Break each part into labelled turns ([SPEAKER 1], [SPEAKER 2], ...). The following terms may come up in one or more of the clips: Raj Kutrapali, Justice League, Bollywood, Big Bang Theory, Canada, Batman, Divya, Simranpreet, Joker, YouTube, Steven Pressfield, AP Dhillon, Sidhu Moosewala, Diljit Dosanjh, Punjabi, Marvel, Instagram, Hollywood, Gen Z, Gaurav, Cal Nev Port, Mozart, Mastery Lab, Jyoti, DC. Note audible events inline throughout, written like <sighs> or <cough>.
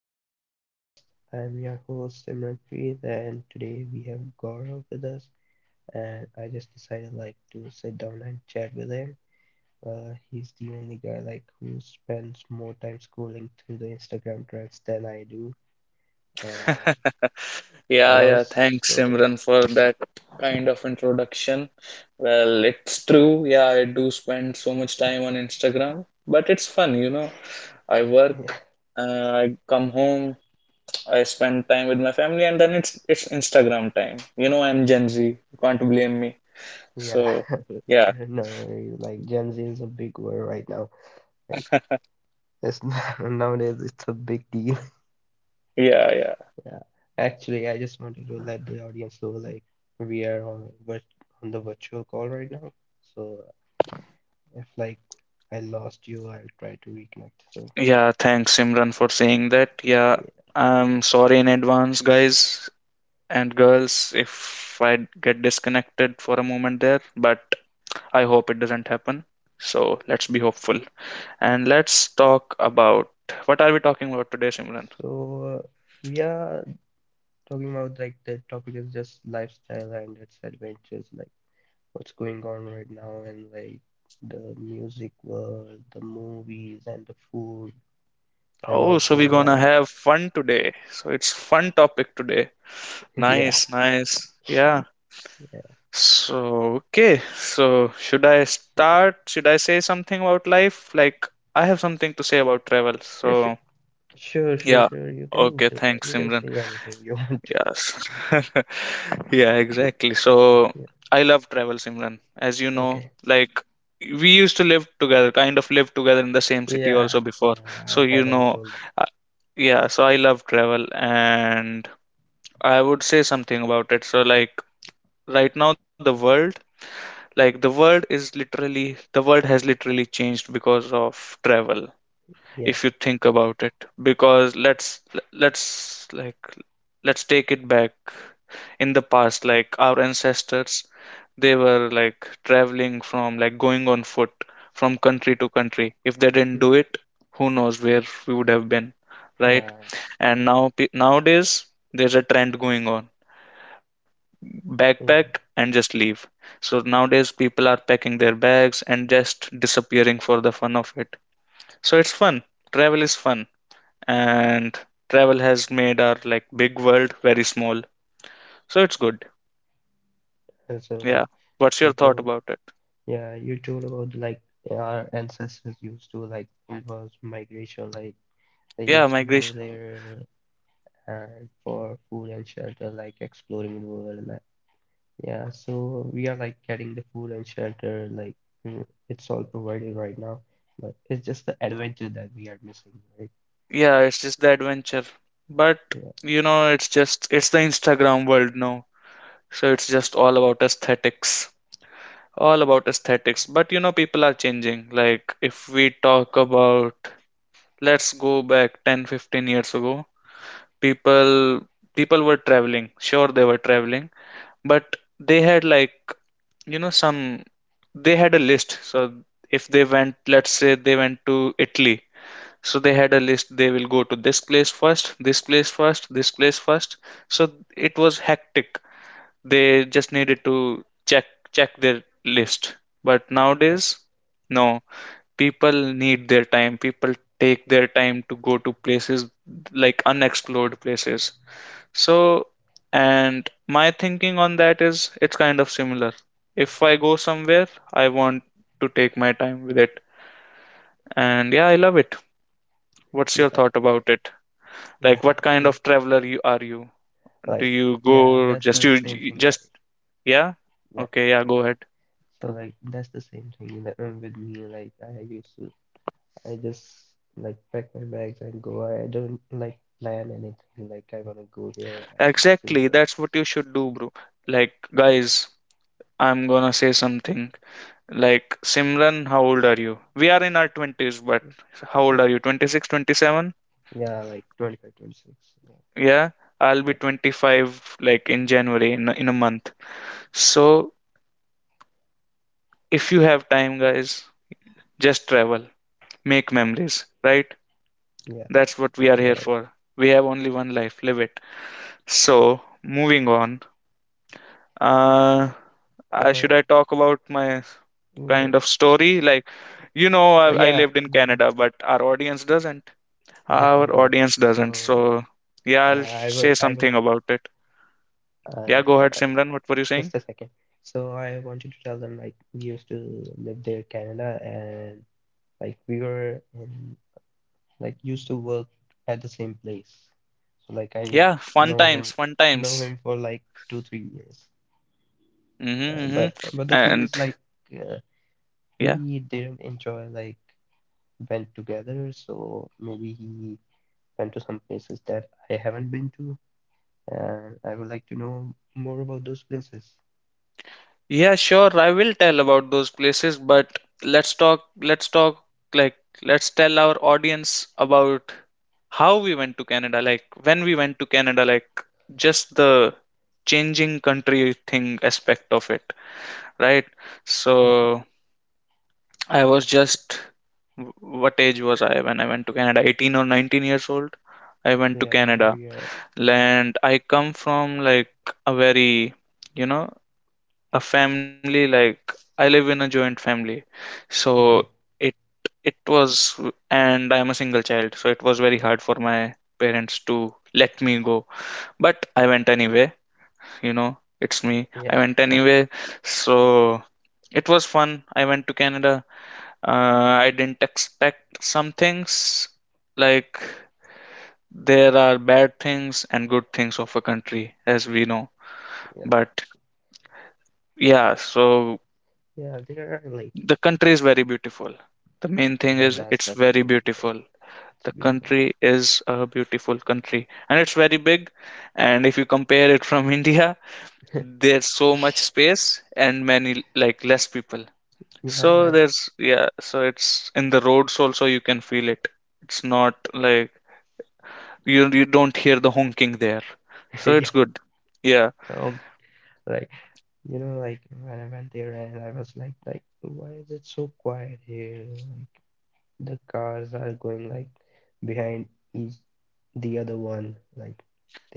[SPEAKER 1] the podcast. I'm your host Simranpreet, and today we have Gaurav with us. And I just decided like to sit down and chat with him. He's the only guy like who spends more time scrolling through the Instagram threads than I do, and
[SPEAKER 2] Yeah,
[SPEAKER 1] and
[SPEAKER 2] yeah. Thanks,
[SPEAKER 1] also
[SPEAKER 2] Simran, for that kind of introduction. Well, it's true. Yeah, I do spend so much time on Instagram, but it's fun. I work,
[SPEAKER 1] <laughs>
[SPEAKER 2] I come home, I spend time with my family, and then it's Instagram time. You know, I'm Gen Z. You can't blame me.
[SPEAKER 1] yeah,
[SPEAKER 2] So, yeah,
[SPEAKER 1] <laughs> no, like Gen Z is a big word right now. Like it's <laughs> nowadays it's a big deal.
[SPEAKER 2] yeah, yeah.
[SPEAKER 1] Yeah. Actually, I just wanted to let the audience know like we are on the virtual call right now. So if like I lost you, I'll try to reconnect. So
[SPEAKER 2] Yeah, thanks, Simran, for saying that. Yeah,
[SPEAKER 1] yeah.
[SPEAKER 2] I'm sorry in advance, guys, and girls if I get disconnected for a moment there, but I hope it doesn't happen. So let's be hopeful. And let's talk about, what are we talking about today, Simran?
[SPEAKER 1] So we are talking about like the topic is just lifestyle and its adventures, like what's going on right now and like the music world, the movies and the food and
[SPEAKER 2] Oh, so we're
[SPEAKER 1] also
[SPEAKER 2] gonna
[SPEAKER 1] life.
[SPEAKER 2] have fun today. So it's fun topic today.
[SPEAKER 1] <laughs> Yeah.
[SPEAKER 2] Nice, nice. Yeah.
[SPEAKER 1] Yeah.
[SPEAKER 2] So okay. So should I
[SPEAKER 1] So
[SPEAKER 2] start? Should I say something about life? Like I have something to say about travel.
[SPEAKER 1] yeah,
[SPEAKER 2] So
[SPEAKER 1] sure. Sure,
[SPEAKER 2] yeah.
[SPEAKER 1] sure, sure. You
[SPEAKER 2] Okay,
[SPEAKER 1] can do,
[SPEAKER 2] thanks,
[SPEAKER 1] you can
[SPEAKER 2] Simran.
[SPEAKER 1] say anything you <laughs> want to.
[SPEAKER 2] Yes. <laughs> Yeah, exactly. So
[SPEAKER 1] Yeah.
[SPEAKER 2] I love travel, Simran. As you know,
[SPEAKER 1] Okay.
[SPEAKER 2] like we used to live together, kind of live together in the same city also
[SPEAKER 1] Yeah,
[SPEAKER 2] before.
[SPEAKER 1] yeah,
[SPEAKER 2] So
[SPEAKER 1] I
[SPEAKER 2] you
[SPEAKER 1] haven't
[SPEAKER 2] know,
[SPEAKER 1] told them.
[SPEAKER 2] uh, yeah, so I love travel and I would say something about it. So like right now the world is literally, the world has literally changed because of travel if
[SPEAKER 1] Yeah,
[SPEAKER 2] you think about it. Because let's like let's take it back in the past. Like our ancestors, they were like traveling from, like going on foot from country to country. If they didn't do
[SPEAKER 1] mm,
[SPEAKER 2] it, who knows where we would have been, right?
[SPEAKER 1] yeah,
[SPEAKER 2] And now nowadays there's a trend going on. Backpack
[SPEAKER 1] yeah.
[SPEAKER 2] and just leave. So nowadays people are packing their bags and just disappearing for the fun of it. So it's fun, travel is fun. And travel has made our, like, big world very small. So it's good.
[SPEAKER 1] And so,
[SPEAKER 2] Yeah.
[SPEAKER 1] like,
[SPEAKER 2] What's your
[SPEAKER 1] you
[SPEAKER 2] thought
[SPEAKER 1] told,
[SPEAKER 2] about it?
[SPEAKER 1] yeah, you told about like our ancestors used to like it was migration, like they
[SPEAKER 2] Yeah,
[SPEAKER 1] used to
[SPEAKER 2] migration.
[SPEAKER 1] go there and for food and shelter, like exploring the world. Yeah, so we are like getting the food and shelter, like it's all provided right now, but it's just the adventure that we are missing, right?
[SPEAKER 2] Yeah, it's just the adventure. But
[SPEAKER 1] Yeah,
[SPEAKER 2] you know, it's just it's the Instagram world now. So it's just all about aesthetics. All about aesthetics. But you know, people are changing. Like if we talk about, let's go back 10, 15 years ago, people people were traveling. Sure, they were traveling, but they had like, you know, some, they had a list. So if they went, let's say they went to Italy, so they had a list. They will go to this place first, this place first, this place first. So it was hectic. They just needed to check, their list. But nowadays,
[SPEAKER 1] that-
[SPEAKER 2] no, people need their time. People take their time to go to places, like unexplored places. So, and my thinking on that is it's kind of similar. If I go somewhere, I want to take my time with it. And yeah, I love it. What's your
[SPEAKER 1] yeah,
[SPEAKER 2] thought about it? Like,
[SPEAKER 1] yeah,
[SPEAKER 2] what kind
[SPEAKER 1] <laughs>
[SPEAKER 2] of
[SPEAKER 1] like,
[SPEAKER 2] traveler you are you? Do
[SPEAKER 1] like,
[SPEAKER 2] you
[SPEAKER 1] yeah,
[SPEAKER 2] go
[SPEAKER 1] that's
[SPEAKER 2] just you
[SPEAKER 1] the same
[SPEAKER 2] you
[SPEAKER 1] thing,
[SPEAKER 2] just
[SPEAKER 1] like,
[SPEAKER 2] yeah?
[SPEAKER 1] yeah,
[SPEAKER 2] Okay, yeah, go ahead.
[SPEAKER 1] so like that's the same thing that with me, like I used to, I just like pack my bags and go. I don't like plan anything, like I wanna go here, I wanna see
[SPEAKER 2] Exactly, that's what
[SPEAKER 1] this.
[SPEAKER 2] you should do, bro. Like, guys, I'm gonna say something. Like, Simran, how old are you? We are in our 20s, but how old
[SPEAKER 1] Yeah,
[SPEAKER 2] are you? 26, 27.
[SPEAKER 1] yeah, like 25, 26.
[SPEAKER 2] Yeah, I'll be
[SPEAKER 1] Yeah,
[SPEAKER 2] 25 like in January in a month. So if you have time, guys, just travel, make memories, right?
[SPEAKER 1] yeah,
[SPEAKER 2] That's what we are
[SPEAKER 1] yeah,
[SPEAKER 2] here
[SPEAKER 1] right.
[SPEAKER 2] for. We have only one life, live it. So moving on, uh, should I
[SPEAKER 1] Uh,
[SPEAKER 2] talk about my kind
[SPEAKER 1] Mm,
[SPEAKER 2] of story? Like,
[SPEAKER 1] s-
[SPEAKER 2] you know, I
[SPEAKER 1] yeah,
[SPEAKER 2] lived in
[SPEAKER 1] yeah,
[SPEAKER 2] Canada, but our audience doesn't.
[SPEAKER 1] yeah.
[SPEAKER 2] Our
[SPEAKER 1] <laughs> Like
[SPEAKER 2] audience doesn't.
[SPEAKER 1] so,
[SPEAKER 2] So yeah, I'll
[SPEAKER 1] I
[SPEAKER 2] say
[SPEAKER 1] will, I
[SPEAKER 2] something
[SPEAKER 1] will.
[SPEAKER 2] about it. Yeah,
[SPEAKER 1] Uh,
[SPEAKER 2] go ahead,
[SPEAKER 1] uh,
[SPEAKER 2] Simran. What were you saying?
[SPEAKER 1] just a second. So I wanted to tell them like we used to live there, Canada, and like we were in, like used to work at the same place. So like I
[SPEAKER 2] Yeah, fun
[SPEAKER 1] know
[SPEAKER 2] times,
[SPEAKER 1] him,
[SPEAKER 2] fun
[SPEAKER 1] know
[SPEAKER 2] times.
[SPEAKER 1] him for like 2, 3 years.
[SPEAKER 2] Mm-hmm, hmm.
[SPEAKER 1] But the thing
[SPEAKER 2] And
[SPEAKER 1] is like uh,
[SPEAKER 2] yeah,
[SPEAKER 1] we didn't enjoy like went together. So maybe he went to some places that I haven't been to, and I would like to know more about those places.
[SPEAKER 2] yeah, sure. I will tell about those places, but let's talk, let's talk, like, let's tell our audience about how we went to Canada, like, when we went to Canada, like, just the changing country thing aspect of it, right?
[SPEAKER 1] Yeah,
[SPEAKER 2] So, I was
[SPEAKER 1] so,
[SPEAKER 2] just, what age was I when I went to Canada? 18 or 19 years old. I went to
[SPEAKER 1] yeah,
[SPEAKER 2] Canada,
[SPEAKER 1] we are
[SPEAKER 2] and I come from, like, a very, you know, a family, like I live in a joint family, so
[SPEAKER 1] okay.
[SPEAKER 2] it it was, and I am a single child, so it was very hard for my parents to let me go. But I went anyway, you know, it's me. I
[SPEAKER 1] Yeah,
[SPEAKER 2] went
[SPEAKER 1] <laughs> yeah,
[SPEAKER 2] anyway, so it was fun. I went to Canada. I didn't expect some things, like there are bad things and good things of a country, as we know.
[SPEAKER 1] yeah,
[SPEAKER 2] But yeah, so
[SPEAKER 1] yeah. There are like
[SPEAKER 2] the country is very beautiful. The main thing
[SPEAKER 1] yeah,
[SPEAKER 2] is
[SPEAKER 1] that's
[SPEAKER 2] it's
[SPEAKER 1] that
[SPEAKER 2] very
[SPEAKER 1] thing. Like
[SPEAKER 2] beautiful. The
[SPEAKER 1] it's beautiful.
[SPEAKER 2] country is a beautiful country and it's very big. And if you compare it from <laughs> India, there's so much space and many like less people.
[SPEAKER 1] Yeah,
[SPEAKER 2] So
[SPEAKER 1] man.
[SPEAKER 2] there's, yeah, so it's, in the roads also you can feel it. It's not like you don't hear the honking there.
[SPEAKER 1] <laughs>
[SPEAKER 2] So it's
[SPEAKER 1] yeah.
[SPEAKER 2] good. Yeah.
[SPEAKER 1] Um, like you know, like when I went there and I was like, why is it so quiet here? Like the cars are going like behind each the other one. Like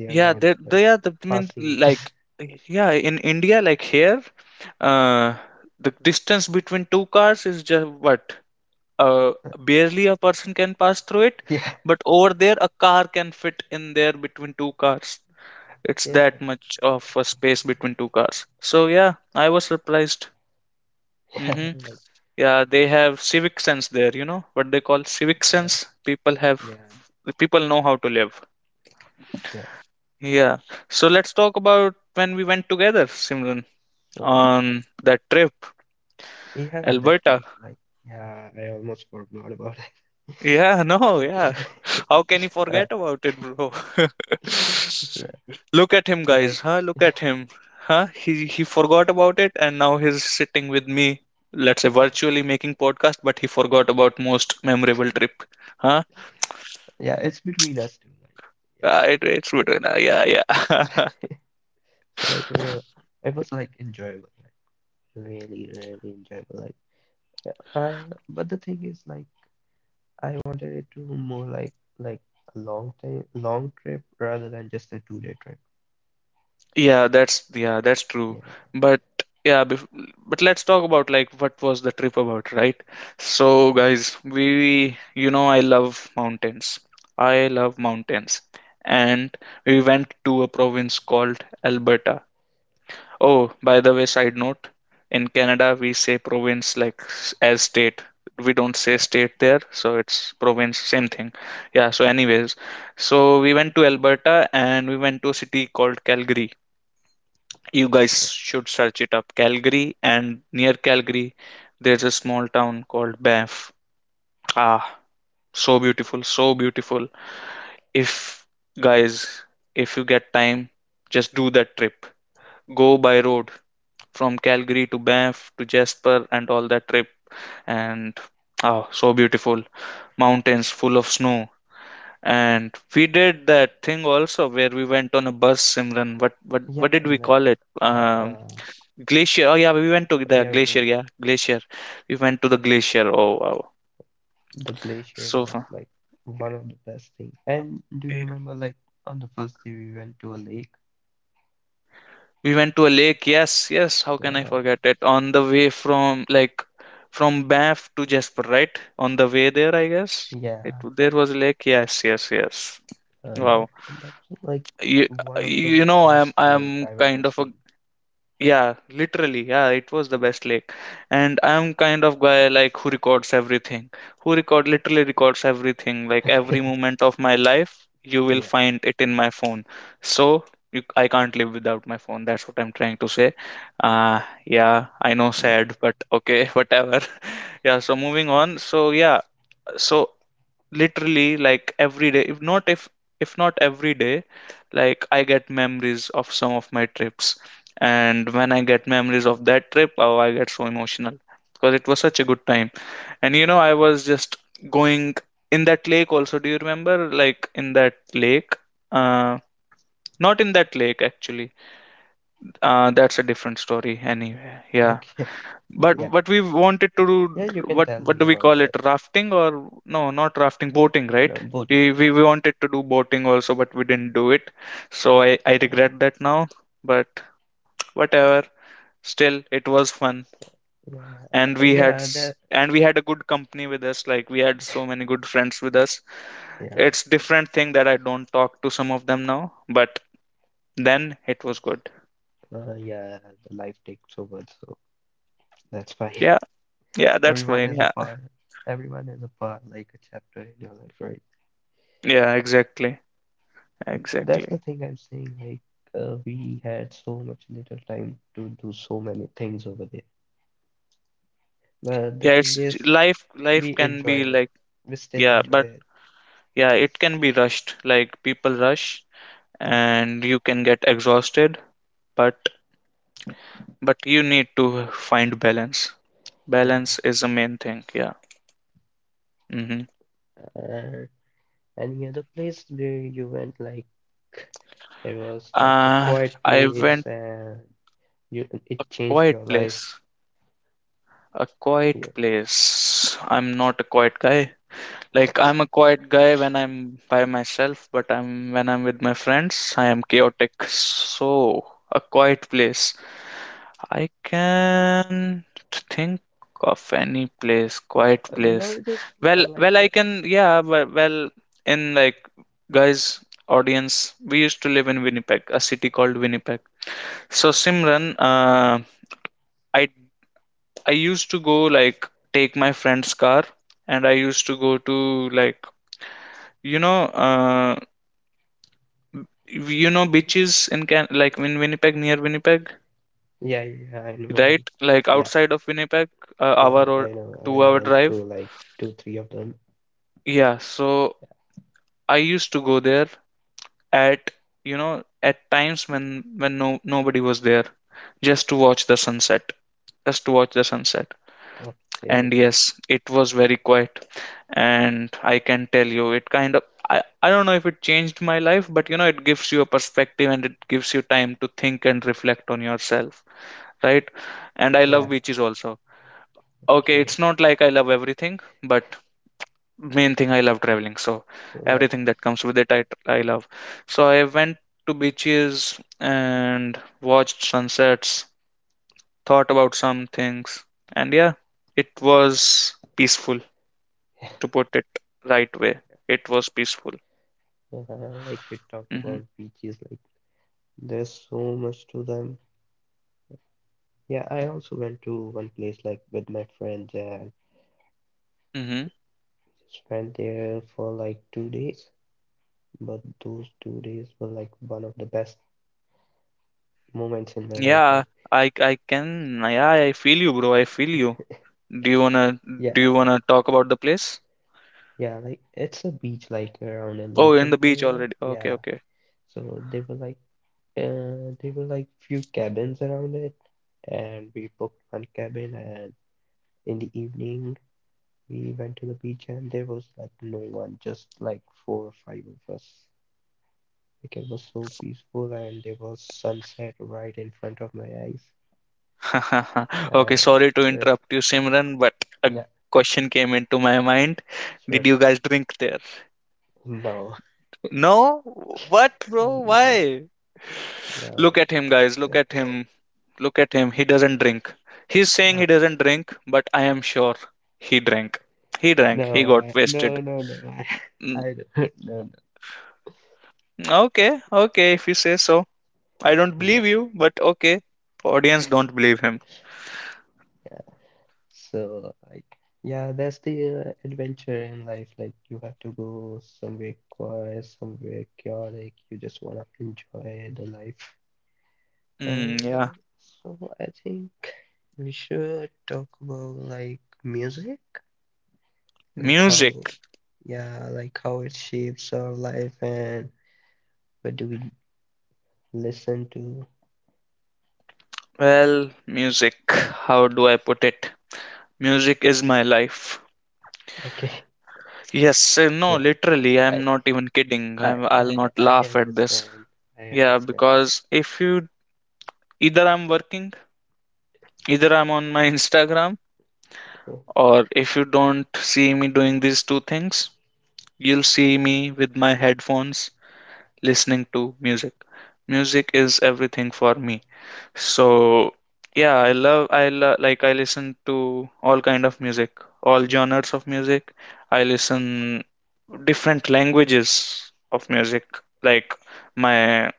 [SPEAKER 1] they are
[SPEAKER 2] Yeah,
[SPEAKER 1] not
[SPEAKER 2] they they
[SPEAKER 1] like
[SPEAKER 2] are the I mean,
[SPEAKER 1] passing each
[SPEAKER 2] like
[SPEAKER 1] <laughs>
[SPEAKER 2] yeah, in India like here, uh, the distance between two cars is just what, uh barely a person can pass through it,
[SPEAKER 1] <laughs> yeah,
[SPEAKER 2] but over there a car can fit in there between two cars. It's that
[SPEAKER 1] yeah,
[SPEAKER 2] much of a space between two cars. So yeah, I was surprised.
[SPEAKER 1] yeah,
[SPEAKER 2] Mm-hmm.
[SPEAKER 1] like
[SPEAKER 2] Yeah, they have civic sense there, you know what they call civic
[SPEAKER 1] uh,
[SPEAKER 2] sense.
[SPEAKER 1] yeah,
[SPEAKER 2] People know how to live.
[SPEAKER 1] yeah,
[SPEAKER 2] Yeah. So let's talk about when we went together, Simran,
[SPEAKER 1] so
[SPEAKER 2] on that trip,
[SPEAKER 1] yeah, that
[SPEAKER 2] Alberta.
[SPEAKER 1] trip like yeah, I almost forgot about it.
[SPEAKER 2] Yeah, <laughs> no,
[SPEAKER 1] <laughs>
[SPEAKER 2] yeah.
[SPEAKER 1] Yeah,
[SPEAKER 2] How can you forget
[SPEAKER 1] uh,
[SPEAKER 2] about it, bro?
[SPEAKER 1] <laughs> so,
[SPEAKER 2] <laughs> Look at him,
[SPEAKER 1] so
[SPEAKER 2] guys.
[SPEAKER 1] like
[SPEAKER 2] Huh? Look at him. Huh? He forgot about it, and now he's sitting with me. Let's say virtually making podcast, but he forgot about most memorable trip. Huh?
[SPEAKER 1] yeah, it's between us two like yeah,
[SPEAKER 2] It's good. Right? Uh, yeah, yeah. <laughs>
[SPEAKER 1] uh, <laughs> so like it was like enjoyable like really really enjoyable like but the thing is like I wanted it to more like a long time long trip rather than just a 2 day trip.
[SPEAKER 2] Yeah, that's, yeah, that's true.
[SPEAKER 1] Yeah,
[SPEAKER 2] But yeah, bef but let's talk about like what was the trip about, right? So
[SPEAKER 1] yeah,
[SPEAKER 2] guys, we, you know, I love mountains. I love mountains. And we went to a province called Alberta. Oh, by the way, side note, in Canada we say province like as state. We don't say
[SPEAKER 1] yeah,
[SPEAKER 2] state there, so it's province, same thing. Yeah, so anyways, so we went to Alberta and we went to a city called Calgary. You guys
[SPEAKER 1] yeah,
[SPEAKER 2] should search it up. Calgary, and near Calgary, there's a small town called Banff. Ah, so beautiful, so beautiful. If, guys, if you get time, just do that trip. Go by road from Calgary to Banff to Jasper and all that trip. And oh, so beautiful. Mountains full of snow. And we did that thing also where we went on a bus, Simran. What what
[SPEAKER 1] yeah,
[SPEAKER 2] did we
[SPEAKER 1] and that,
[SPEAKER 2] call it?
[SPEAKER 1] uh, uh
[SPEAKER 2] Glacier. Oh yeah, we went to the
[SPEAKER 1] yeah,
[SPEAKER 2] glacier.
[SPEAKER 1] when
[SPEAKER 2] Yeah, glacier. We went to the glacier. Oh wow,
[SPEAKER 1] the glacier
[SPEAKER 2] so fun.
[SPEAKER 1] was like one of the best things. And do you
[SPEAKER 2] Yeah.
[SPEAKER 1] remember like on the first day we went to a lake?
[SPEAKER 2] We went to a lake. Yes, yes. How can I
[SPEAKER 1] Yeah,
[SPEAKER 2] forget it? On the way from, like, from Banff to Jasper, right? On the way there, I guess it,
[SPEAKER 1] yeah,
[SPEAKER 2] there was a lake. Yes, yes, yes. Wow.
[SPEAKER 1] that and that's like
[SPEAKER 2] You
[SPEAKER 1] one of the
[SPEAKER 2] you know, I'm
[SPEAKER 1] best lake
[SPEAKER 2] I'm
[SPEAKER 1] I've
[SPEAKER 2] kind
[SPEAKER 1] ever
[SPEAKER 2] of a,
[SPEAKER 1] seen. <laughs>
[SPEAKER 2] yeah, literally. Yeah, it was the best lake. And I'm kind of guy like who records everything. Who record Literally records everything. Like every
[SPEAKER 1] Okay,
[SPEAKER 2] moment of my life, you will
[SPEAKER 1] yeah,
[SPEAKER 2] find it in my phone. So you, I can't live without my phone. That's what I'm trying to say. Yeah, I know
[SPEAKER 1] yeah,
[SPEAKER 2] sad, but okay, <laughs> whatever. <laughs> Yeah, so moving on. So yeah, so literally, like every day, if not if, if not every day, like I get memories of some of my trips, and when I get memories of that trip, oh, I get so emotional because it was such a good time. And you know, I was just going, in that lake also, do you remember like in that lake, uh not in that lake actually, that's a different story anyway, yeah.
[SPEAKER 1] okay,
[SPEAKER 2] But
[SPEAKER 1] <laughs> yeah,
[SPEAKER 2] we wanted to do,
[SPEAKER 1] yeah. You can
[SPEAKER 2] what
[SPEAKER 1] tell
[SPEAKER 2] do
[SPEAKER 1] me
[SPEAKER 2] we
[SPEAKER 1] about
[SPEAKER 2] call it?
[SPEAKER 1] that.
[SPEAKER 2] Rafting or no, not rafting, boating, right?
[SPEAKER 1] No boating.
[SPEAKER 2] We wanted to do boating also, but we didn't do it. So I
[SPEAKER 1] Yeah,
[SPEAKER 2] regret that now. But whatever. Still, it was fun.
[SPEAKER 1] so, yeah,
[SPEAKER 2] And
[SPEAKER 1] yeah. That
[SPEAKER 2] and we had a good company with us. Like we had so many good friends with us.
[SPEAKER 1] yeah,
[SPEAKER 2] It's different thing that I don't talk to some of them now, but then it was good.
[SPEAKER 1] yeah. The life takes over, so that's fine.
[SPEAKER 2] Yeah, yeah, that's
[SPEAKER 1] Everyone
[SPEAKER 2] fine.
[SPEAKER 1] is
[SPEAKER 2] Yeah.
[SPEAKER 1] a part. Everyone is a part, like a chapter in your life, right?
[SPEAKER 2] Yeah, exactly.
[SPEAKER 1] That's
[SPEAKER 2] Exactly.
[SPEAKER 1] the thing I'm saying. Like we had so much little time to do so many things over there, but
[SPEAKER 2] Yeah,
[SPEAKER 1] the thing is,
[SPEAKER 2] life, life
[SPEAKER 1] we
[SPEAKER 2] can
[SPEAKER 1] enjoy
[SPEAKER 2] be
[SPEAKER 1] it.
[SPEAKER 2] like,
[SPEAKER 1] We still
[SPEAKER 2] yeah, but
[SPEAKER 1] enjoy it.
[SPEAKER 2] yeah, it can be rushed. Like people rush and you can get exhausted, but but you need to find balance.
[SPEAKER 1] Yeah.
[SPEAKER 2] Balance is the main thing. Yeah. Mm-hmm.
[SPEAKER 1] Uh, any other place where you went? Like it was like a
[SPEAKER 2] Uh,
[SPEAKER 1] quiet
[SPEAKER 2] I went
[SPEAKER 1] place, and you
[SPEAKER 2] a
[SPEAKER 1] it changed
[SPEAKER 2] quiet
[SPEAKER 1] your life.
[SPEAKER 2] place. A quiet
[SPEAKER 1] Yeah. <laughs>
[SPEAKER 2] place. I'm not a quiet guy. Like I'm a quiet guy when I'm by myself, but I'm, when I'm with my friends, I am chaotic. So a quiet place. I can think of any place, quiet place.
[SPEAKER 1] Not just like
[SPEAKER 2] I can, yeah, in like, guys, audience, we used to live in Winnipeg, a city called Winnipeg. So Simran, I I used to go, like, take my friend's car, and I used to go to, like, you know, uh, you know, beaches in Can like in Winnipeg, near Winnipeg,
[SPEAKER 1] yeah, yeah, I know,
[SPEAKER 2] right?
[SPEAKER 1] like
[SPEAKER 2] Like
[SPEAKER 1] yeah.
[SPEAKER 2] outside of Winnipeg, hour
[SPEAKER 1] Yeah,
[SPEAKER 2] or
[SPEAKER 1] I know.
[SPEAKER 2] two
[SPEAKER 1] I
[SPEAKER 2] hour
[SPEAKER 1] went
[SPEAKER 2] drive.
[SPEAKER 1] to like two, three of them.
[SPEAKER 2] Yeah, so I used to go there at, you know, at times when no nobody was there, just to watch the sunset, just to watch the sunset. And
[SPEAKER 1] Okay.
[SPEAKER 2] yes, it was very quiet. And I can tell you, it kind of I don't know if it changed my life, but, it gives you a perspective and it gives you time to think and reflect on yourself. Right? And I love
[SPEAKER 1] Yeah.
[SPEAKER 2] beaches also. Okay, it's
[SPEAKER 1] Okay.
[SPEAKER 2] not like I love everything, but main thing, I love traveling. So
[SPEAKER 1] So like,
[SPEAKER 2] everything that comes with it, I love. So I went to beaches and watched sunsets, thought about some things, and yeah, it was peaceful,
[SPEAKER 1] <laughs> yeah,
[SPEAKER 2] to put it right way. It was peaceful.
[SPEAKER 1] like you talked
[SPEAKER 2] Hmm.
[SPEAKER 1] about beaches, like there's so much to them. Yeah, I also went to one place like with my friends and
[SPEAKER 2] Hmm.
[SPEAKER 1] just went there for like 2 days. But those 2 days were like one of the best moments in my life.
[SPEAKER 2] Yeah,
[SPEAKER 1] Like,
[SPEAKER 2] I can. Yeah, I feel you, bro. I feel you. Do you wanna
[SPEAKER 1] yeah,
[SPEAKER 2] do you wanna talk about the place?
[SPEAKER 1] yeah, like it's a beach like around a
[SPEAKER 2] Oh,
[SPEAKER 1] lake
[SPEAKER 2] in the
[SPEAKER 1] in
[SPEAKER 2] beach
[SPEAKER 1] Canada.
[SPEAKER 2] already. Okay,
[SPEAKER 1] Yeah,
[SPEAKER 2] okay.
[SPEAKER 1] so there were like few cabins around it, and we booked one cabin. And in the evening, we went to the beach, and there was like no one, just like four or five of us. Like it was so peaceful, and there was sunset right in front of my eyes.
[SPEAKER 2] <laughs> Okay,
[SPEAKER 1] Uh,
[SPEAKER 2] sorry to
[SPEAKER 1] yes,
[SPEAKER 2] interrupt you, Simran, but a
[SPEAKER 1] yeah,
[SPEAKER 2] question came into my mind. Did
[SPEAKER 1] sure.
[SPEAKER 2] you guys drink there?
[SPEAKER 1] No,
[SPEAKER 2] No? What,
[SPEAKER 1] <laughs>
[SPEAKER 2] bro?
[SPEAKER 1] no,
[SPEAKER 2] Why? Look
[SPEAKER 1] no,
[SPEAKER 2] at him, guys. Look at him. Look at him. He doesn't drink. He's saying he doesn't drink, but I am sure he drank. He drank. He
[SPEAKER 1] no, no,
[SPEAKER 2] got wasted.
[SPEAKER 1] no, no, no. <laughs>
[SPEAKER 2] Mm,
[SPEAKER 1] I don't. <laughs> No, no.
[SPEAKER 2] Okay, okay, if you say so. I don't
[SPEAKER 1] Yeah.
[SPEAKER 2] believe you, but okay. Audience, don't believe him.
[SPEAKER 1] So, like, yeah, that's the adventure in life. Like, you have to go somewhere quiet, somewhere chaotic. You just want to enjoy the life.
[SPEAKER 2] Mm, yeah.
[SPEAKER 1] And so, I think we should talk about like music, like
[SPEAKER 2] Music.
[SPEAKER 1] how, yeah, like how it shapes our life and what do we listen to.
[SPEAKER 2] Well, music, how do I put it? Music is my life.
[SPEAKER 1] Okay,
[SPEAKER 2] Yes,
[SPEAKER 1] <laughs>
[SPEAKER 2] no,
[SPEAKER 1] yeah,
[SPEAKER 2] literally,
[SPEAKER 1] I,
[SPEAKER 2] I'm not even kidding. I'll not
[SPEAKER 1] I
[SPEAKER 2] laugh at this.
[SPEAKER 1] understand. I
[SPEAKER 2] Yeah,
[SPEAKER 1] understand.
[SPEAKER 2] because if you either I'm working, either I'm on my <laughs> Instagram,
[SPEAKER 1] Okay,
[SPEAKER 2] or if you don't see me doing these two things, you'll see me with my headphones listening to music. Music is everything for me. So yeah, I love I lo- like I listen to all kind of music, all genres of music. I listen different languages of music. Like my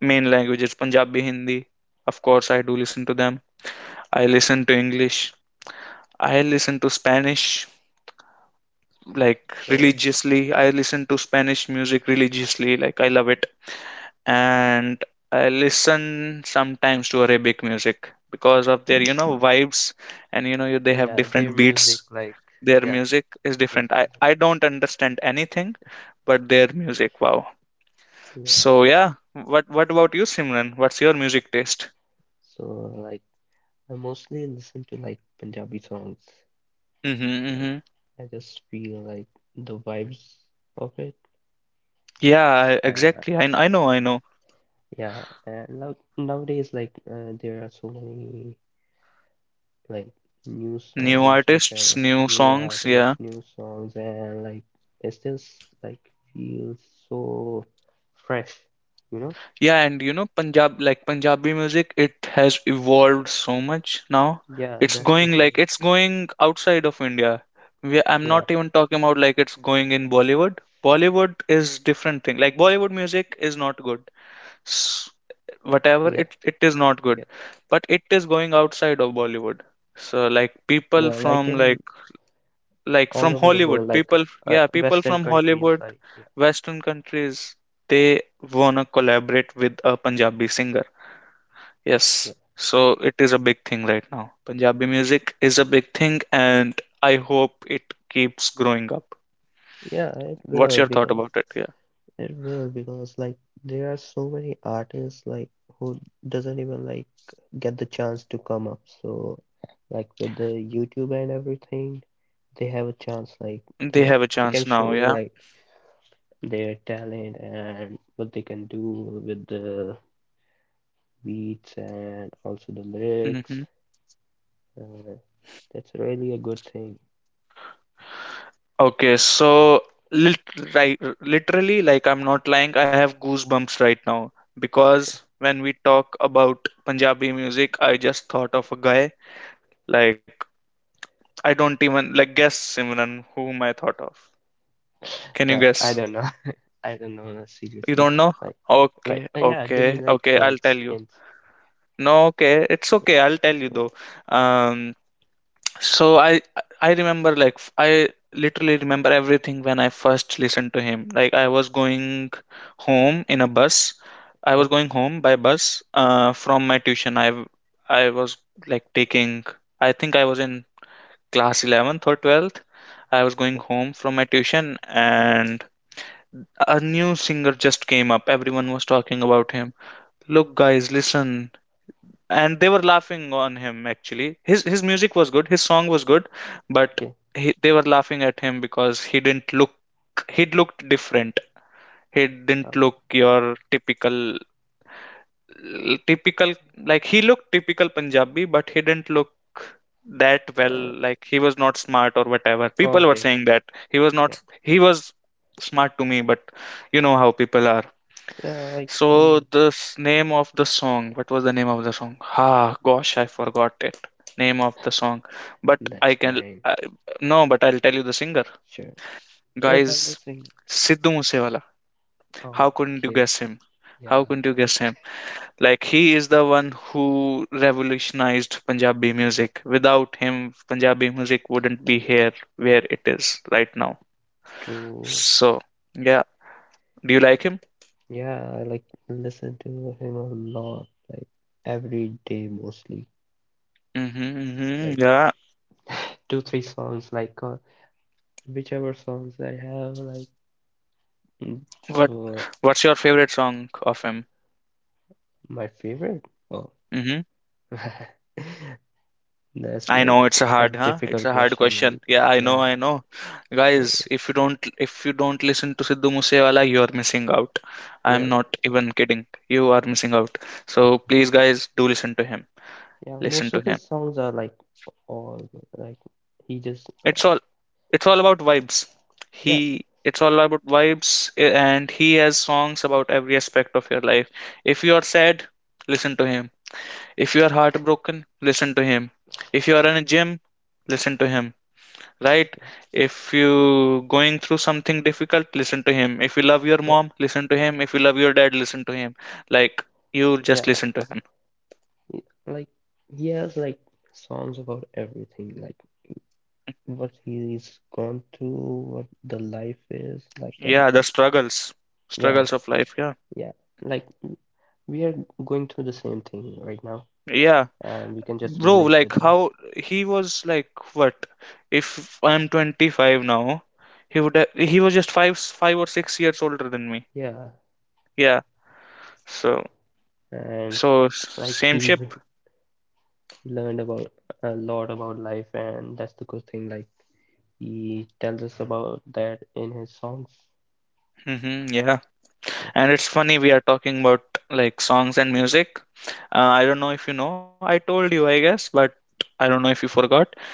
[SPEAKER 2] main language is Punjabi, Hindi. Of course, I do listen to them. I listen to English. I listen to Spanish, like,
[SPEAKER 1] okay.
[SPEAKER 2] religiously. I listen to Spanish music religiously. Like, I love it. And I listen sometimes to Arabic music because of their, you know, vibes, and you know they have
[SPEAKER 1] Yeah, their
[SPEAKER 2] different beats.
[SPEAKER 1] music, like,
[SPEAKER 2] Their
[SPEAKER 1] yeah,
[SPEAKER 2] music is different.
[SPEAKER 1] music.
[SPEAKER 2] I I don't understand anything, but their music, wow.
[SPEAKER 1] Yeah,
[SPEAKER 2] So yeah, what about you, Simran? What's your music taste?
[SPEAKER 1] so like I mostly listen to like Punjabi songs.
[SPEAKER 2] Mm-hmm,
[SPEAKER 1] Like
[SPEAKER 2] mm-hmm.
[SPEAKER 1] I just feel like the vibes of it.
[SPEAKER 2] Yeah,
[SPEAKER 1] Uh,
[SPEAKER 2] exactly. I know, I know.
[SPEAKER 1] yeah, and now nowadays like there are so many like new
[SPEAKER 2] New
[SPEAKER 1] songs which
[SPEAKER 2] artists,
[SPEAKER 1] are
[SPEAKER 2] new
[SPEAKER 1] new
[SPEAKER 2] songs. Yeah.
[SPEAKER 1] artists, new songs, and like it's just like feels so fresh, you know?
[SPEAKER 2] Yeah, and you know, Punjabi music, it has evolved so much now.
[SPEAKER 1] Yeah,
[SPEAKER 2] It's
[SPEAKER 1] that's the
[SPEAKER 2] going, like,
[SPEAKER 1] same.
[SPEAKER 2] it's going outside of India. I'm
[SPEAKER 1] Yeah,
[SPEAKER 2] not even talking about like it's going in Bollywood. Bollywood is different thing. Like, Bollywood music is not good. S Whatever,
[SPEAKER 1] yeah.
[SPEAKER 2] it is not good,
[SPEAKER 1] Okay.
[SPEAKER 2] but it is going outside of Bollywood. So like people
[SPEAKER 1] Yeah, like
[SPEAKER 2] from
[SPEAKER 1] in
[SPEAKER 2] like from
[SPEAKER 1] all over the
[SPEAKER 2] Hollywood,
[SPEAKER 1] world, like
[SPEAKER 2] people yeah, people
[SPEAKER 1] Western
[SPEAKER 2] from
[SPEAKER 1] countries,
[SPEAKER 2] Hollywood,
[SPEAKER 1] like yeah,
[SPEAKER 2] Western countries, they wanna collaborate with a Punjabi singer. Yes,
[SPEAKER 1] yeah,
[SPEAKER 2] so it is a big thing right now. Punjabi music is a big thing, and I hope it keeps growing up.
[SPEAKER 1] yeah, it
[SPEAKER 2] What's
[SPEAKER 1] will
[SPEAKER 2] your thought
[SPEAKER 1] because
[SPEAKER 2] about it? Yeah,
[SPEAKER 1] like there are so many artists like who doesn't even like get the chance to come up. So like with the YouTube and everything, they have a chance like they
[SPEAKER 2] they
[SPEAKER 1] know,
[SPEAKER 2] have a
[SPEAKER 1] they
[SPEAKER 2] chance
[SPEAKER 1] can show
[SPEAKER 2] now. Yeah.
[SPEAKER 1] like their talent and what they can do with the beats and also the
[SPEAKER 2] Hmm.
[SPEAKER 1] lyrics. Uh, that's really a good thing.
[SPEAKER 2] Okay, so lit right, literally, like, I'm not lying, I have goosebumps right now because when we talk about Punjabi music, I just thought of a guy. Like, I don't even guess, Simran, whom I thought of. Can you guess?
[SPEAKER 1] But I don't know. <laughs> I don't know
[SPEAKER 2] You don't know?
[SPEAKER 1] seriously. Like,
[SPEAKER 2] Okay,
[SPEAKER 1] like yeah. Give
[SPEAKER 2] okay,
[SPEAKER 1] me like
[SPEAKER 2] okay. I'll tell
[SPEAKER 1] hints,
[SPEAKER 2] you.
[SPEAKER 1] hints.
[SPEAKER 2] No, okay, it's okay. I'll tell you though.
[SPEAKER 1] Yeah.
[SPEAKER 2] Um, so I remember like I literally remember everything when I first listened to him. Like, I was going home in a bus. I was
[SPEAKER 1] Okay.
[SPEAKER 2] going home by bus, from my tuition. I was like taking. I think I was in class eleventh or twelfth. I was going
[SPEAKER 1] Okay.
[SPEAKER 2] home from my tuition and a new singer just came up. Everyone was talking about him. Look, guys, listen, and they were laughing on him actually. His music was good, his song was good, but
[SPEAKER 1] Okay.
[SPEAKER 2] they were laughing at him because he didn't look he looked different. He didn't
[SPEAKER 1] Oh.
[SPEAKER 2] look your typical he looked typical Punjabi, but he didn't look that well,
[SPEAKER 1] Uh.
[SPEAKER 2] like, he was not smart or whatever
[SPEAKER 1] Oh,
[SPEAKER 2] people were
[SPEAKER 1] okay. Okay.
[SPEAKER 2] saying, that he was
[SPEAKER 1] Yeah.
[SPEAKER 2] not he was smart to me, but you know how people are.
[SPEAKER 1] Yeah. Like.
[SPEAKER 2] So
[SPEAKER 1] Mm,
[SPEAKER 2] name of the song, what was the name of the song? Ah, gosh, I forgot it. Name of the song, but I
[SPEAKER 1] that's
[SPEAKER 2] can
[SPEAKER 1] fine.
[SPEAKER 2] I, no, but I'll tell you the singer.
[SPEAKER 1] Sure. Sure. I'm
[SPEAKER 2] Guys,
[SPEAKER 1] listening.
[SPEAKER 2] Sidhu Moosewala. How couldn't you
[SPEAKER 1] Okay.
[SPEAKER 2] guess him? How
[SPEAKER 1] Yeah.
[SPEAKER 2] couldn't you guess him? Like, he is the one who revolutionized Punjabi music. Without him, Punjabi music wouldn't be here where it is right now.
[SPEAKER 1] True.
[SPEAKER 2] So yeah, do you like him?
[SPEAKER 1] Yeah. I like listen to him a lot. Like every day mostly.
[SPEAKER 2] Mm-hmm, mm-hmm,
[SPEAKER 1] Like
[SPEAKER 2] yeah.
[SPEAKER 1] two three songs. Like whichever songs I have. Like mm,
[SPEAKER 2] What
[SPEAKER 1] so.
[SPEAKER 2] What's your favorite song of him?
[SPEAKER 1] My favorite. Oh.
[SPEAKER 2] Mm-hmm.
[SPEAKER 1] <laughs> That's
[SPEAKER 2] I
[SPEAKER 1] like
[SPEAKER 2] know it's a
[SPEAKER 1] a
[SPEAKER 2] hard, huh? It's
[SPEAKER 1] difficult
[SPEAKER 2] a hard
[SPEAKER 1] question.
[SPEAKER 2] question.
[SPEAKER 1] Like,
[SPEAKER 2] Yeah, I know,
[SPEAKER 1] yeah.
[SPEAKER 2] I know.
[SPEAKER 1] So,
[SPEAKER 2] Guys, if you don't listen to Sidhu Moosewala, you are missing out. I
[SPEAKER 1] yeah,
[SPEAKER 2] am not even kidding. You are missing out. So please, guys, do listen to him.
[SPEAKER 1] yeah.
[SPEAKER 2] Listen
[SPEAKER 1] Most
[SPEAKER 2] to
[SPEAKER 1] of
[SPEAKER 2] him.
[SPEAKER 1] his songs are like all like he just,
[SPEAKER 2] It's all it's all about vibes.
[SPEAKER 1] yeah,
[SPEAKER 2] He It's all about vibes, and he has songs about every aspect of your life. If you are sad, listen to him. If you are heartbroken, listen to him. If you are in a gym, listen to him. Right,
[SPEAKER 1] yeah,
[SPEAKER 2] if you going through something difficult, listen to him. If you love your
[SPEAKER 1] yeah,
[SPEAKER 2] mom, listen to him. If you love your dad, listen to him. Like, you just
[SPEAKER 1] yeah.
[SPEAKER 2] listen to him.
[SPEAKER 1] Like, he has like songs about everything, like what he's gone through, what the life is, like
[SPEAKER 2] Yeah, the
[SPEAKER 1] everything.
[SPEAKER 2] struggles
[SPEAKER 1] Yeah,
[SPEAKER 2] struggles of life, yeah.
[SPEAKER 1] yeah. Like, we are going through the same thing right now,
[SPEAKER 2] Yeah,
[SPEAKER 1] and we can just
[SPEAKER 2] bro,
[SPEAKER 1] relate
[SPEAKER 2] like,
[SPEAKER 1] with him.
[SPEAKER 2] how he was like, what if I'm 25 now, he would he was just 5 or 6 years older than me.
[SPEAKER 1] Yeah,
[SPEAKER 2] Yeah, so
[SPEAKER 1] and.
[SPEAKER 2] so s-
[SPEAKER 1] Like
[SPEAKER 2] same
[SPEAKER 1] he
[SPEAKER 2] ship.
[SPEAKER 1] learned about a lot about life and that's the good thing like he tells us about that in his songs.
[SPEAKER 2] Hmm, yeah.
[SPEAKER 1] Yeah.
[SPEAKER 2] And it's funny, we are talking about like songs and music. I don't know if you know. I told you, I guess, but I don't know if you forgot.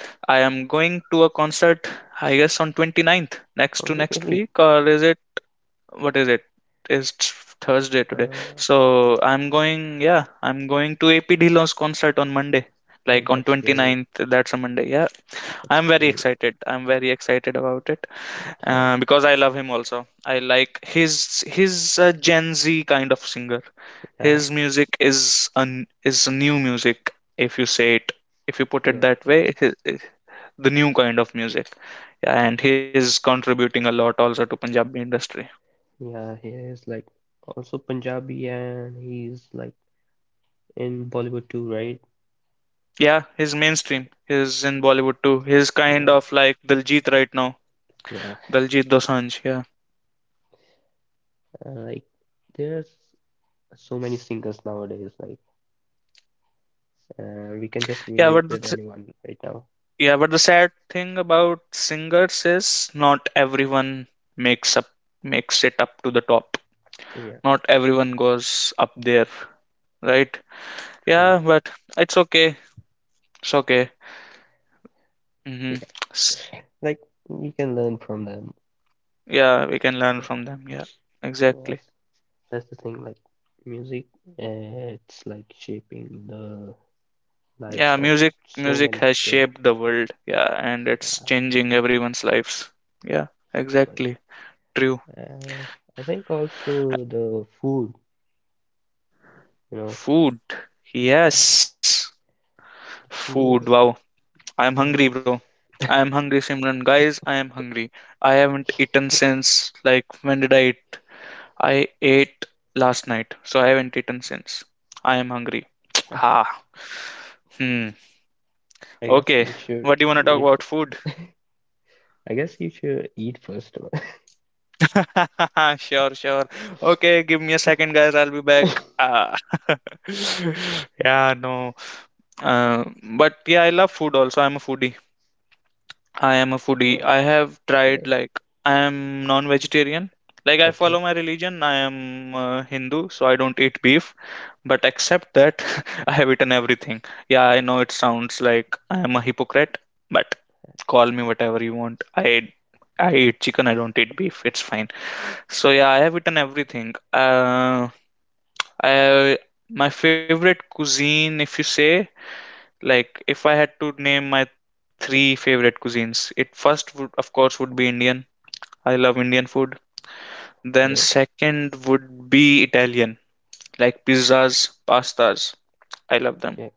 [SPEAKER 2] I am going to a concert, I guess, on twenty ninth, next to
[SPEAKER 1] Oh
[SPEAKER 2] next
[SPEAKER 1] really.
[SPEAKER 2] week, or is it what is it? It's Thursday today.
[SPEAKER 1] uh
[SPEAKER 2] So I'm going, yeah, I'm going to AP Dhillon's concert on Monday,
[SPEAKER 1] oh,
[SPEAKER 2] like on
[SPEAKER 1] that's
[SPEAKER 2] twenty
[SPEAKER 1] great.
[SPEAKER 2] ninth. That's a Monday. Yeah,
[SPEAKER 1] That's
[SPEAKER 2] I'm very
[SPEAKER 1] great.
[SPEAKER 2] excited. I'm very excited about it,
[SPEAKER 1] Okay.
[SPEAKER 2] because I love him also. I like his Gen Z kind of singer.
[SPEAKER 1] Yeah,
[SPEAKER 2] His music is is new music, if you say it, if you put it
[SPEAKER 1] yeah,
[SPEAKER 2] that way, the new kind of music. Yeah, and he's contributing a lot also to Punjabi industry.
[SPEAKER 1] yeah, he is like also Punjabi and he's like in Bollywood too, right?
[SPEAKER 2] Yeah, he's mainstream. He's in Bollywood too. He's kind
[SPEAKER 1] Yeah,
[SPEAKER 2] of like Diljit right now.
[SPEAKER 1] yeah.
[SPEAKER 2] Diljit Dosanjh. Yeah,
[SPEAKER 1] Like there's so many singers nowadays like we can just
[SPEAKER 2] yeah,
[SPEAKER 1] relate
[SPEAKER 2] but
[SPEAKER 1] with
[SPEAKER 2] the
[SPEAKER 1] anyone right now.
[SPEAKER 2] yeah, but the sad thing about singers is not everyone makes up makes it up to the top.
[SPEAKER 1] Yeah,
[SPEAKER 2] Not
[SPEAKER 1] that's
[SPEAKER 2] everyone goes up there, right? Yeah,
[SPEAKER 1] true.
[SPEAKER 2] but it's okay. It's okay.
[SPEAKER 1] <laughs>
[SPEAKER 2] Mm-hmm.
[SPEAKER 1] Yeah, like we can learn from them.
[SPEAKER 2] Yeah, we can learn
[SPEAKER 1] Yeah,
[SPEAKER 2] from them. Yeah, exactly.
[SPEAKER 1] yes, that's the thing. Like, music, it's like shaping the lives
[SPEAKER 2] Yeah,
[SPEAKER 1] of so
[SPEAKER 2] music
[SPEAKER 1] many
[SPEAKER 2] has
[SPEAKER 1] people.
[SPEAKER 2] shaped the world. Yeah, and it's
[SPEAKER 1] Yeah,
[SPEAKER 2] changing everyone's lives. Yeah,
[SPEAKER 1] so much.
[SPEAKER 2] exactly. True.
[SPEAKER 1] Uh, I think also the food, you know,
[SPEAKER 2] Food.
[SPEAKER 1] yeah,
[SPEAKER 2] Yes.
[SPEAKER 1] the
[SPEAKER 2] Food.
[SPEAKER 1] food.
[SPEAKER 2] Wow. I am
[SPEAKER 1] Yes,
[SPEAKER 2] hungry, bro. I am hungry, Simran. Guys, I am hungry. I haven't eaten since, like, when did I eat? I ate last night, so I haven't eaten since. I am hungry. <tsk>
[SPEAKER 1] <laughs> Ah,
[SPEAKER 2] Ha. Hmm.
[SPEAKER 1] I guess
[SPEAKER 2] Okay. What do you want to talk
[SPEAKER 1] you
[SPEAKER 2] about?
[SPEAKER 1] should.
[SPEAKER 2] Food?
[SPEAKER 1] I guess you should eat first. <laughs>
[SPEAKER 2] <laughs> Sure, sure. Okay, give me a second, guys. I'll be back. Ah. <laughs> Yeah, no. But yeah, I love food also. I'm a foodie. I am a foodie.
[SPEAKER 1] Oh,
[SPEAKER 2] I have tried
[SPEAKER 1] okay,
[SPEAKER 2] like I am non-vegetarian. Like, I
[SPEAKER 1] okay,
[SPEAKER 2] follow my religion. I am, Hindu, so I don't eat beef. But except that, <laughs> I have eaten everything. Yeah, I know it sounds like I am a hypocrite, but call me whatever you want. I eat chicken. I don't eat beef. It's fine. So yeah, I have eaten everything. I My favorite cuisine, if you say, like, if I had to name my 3 favorite cuisines, it first would of course would be Indian. I love Indian food. Then
[SPEAKER 1] okay,
[SPEAKER 2] second would be Italian, like pizzas, pastas. I love them.
[SPEAKER 1] okay.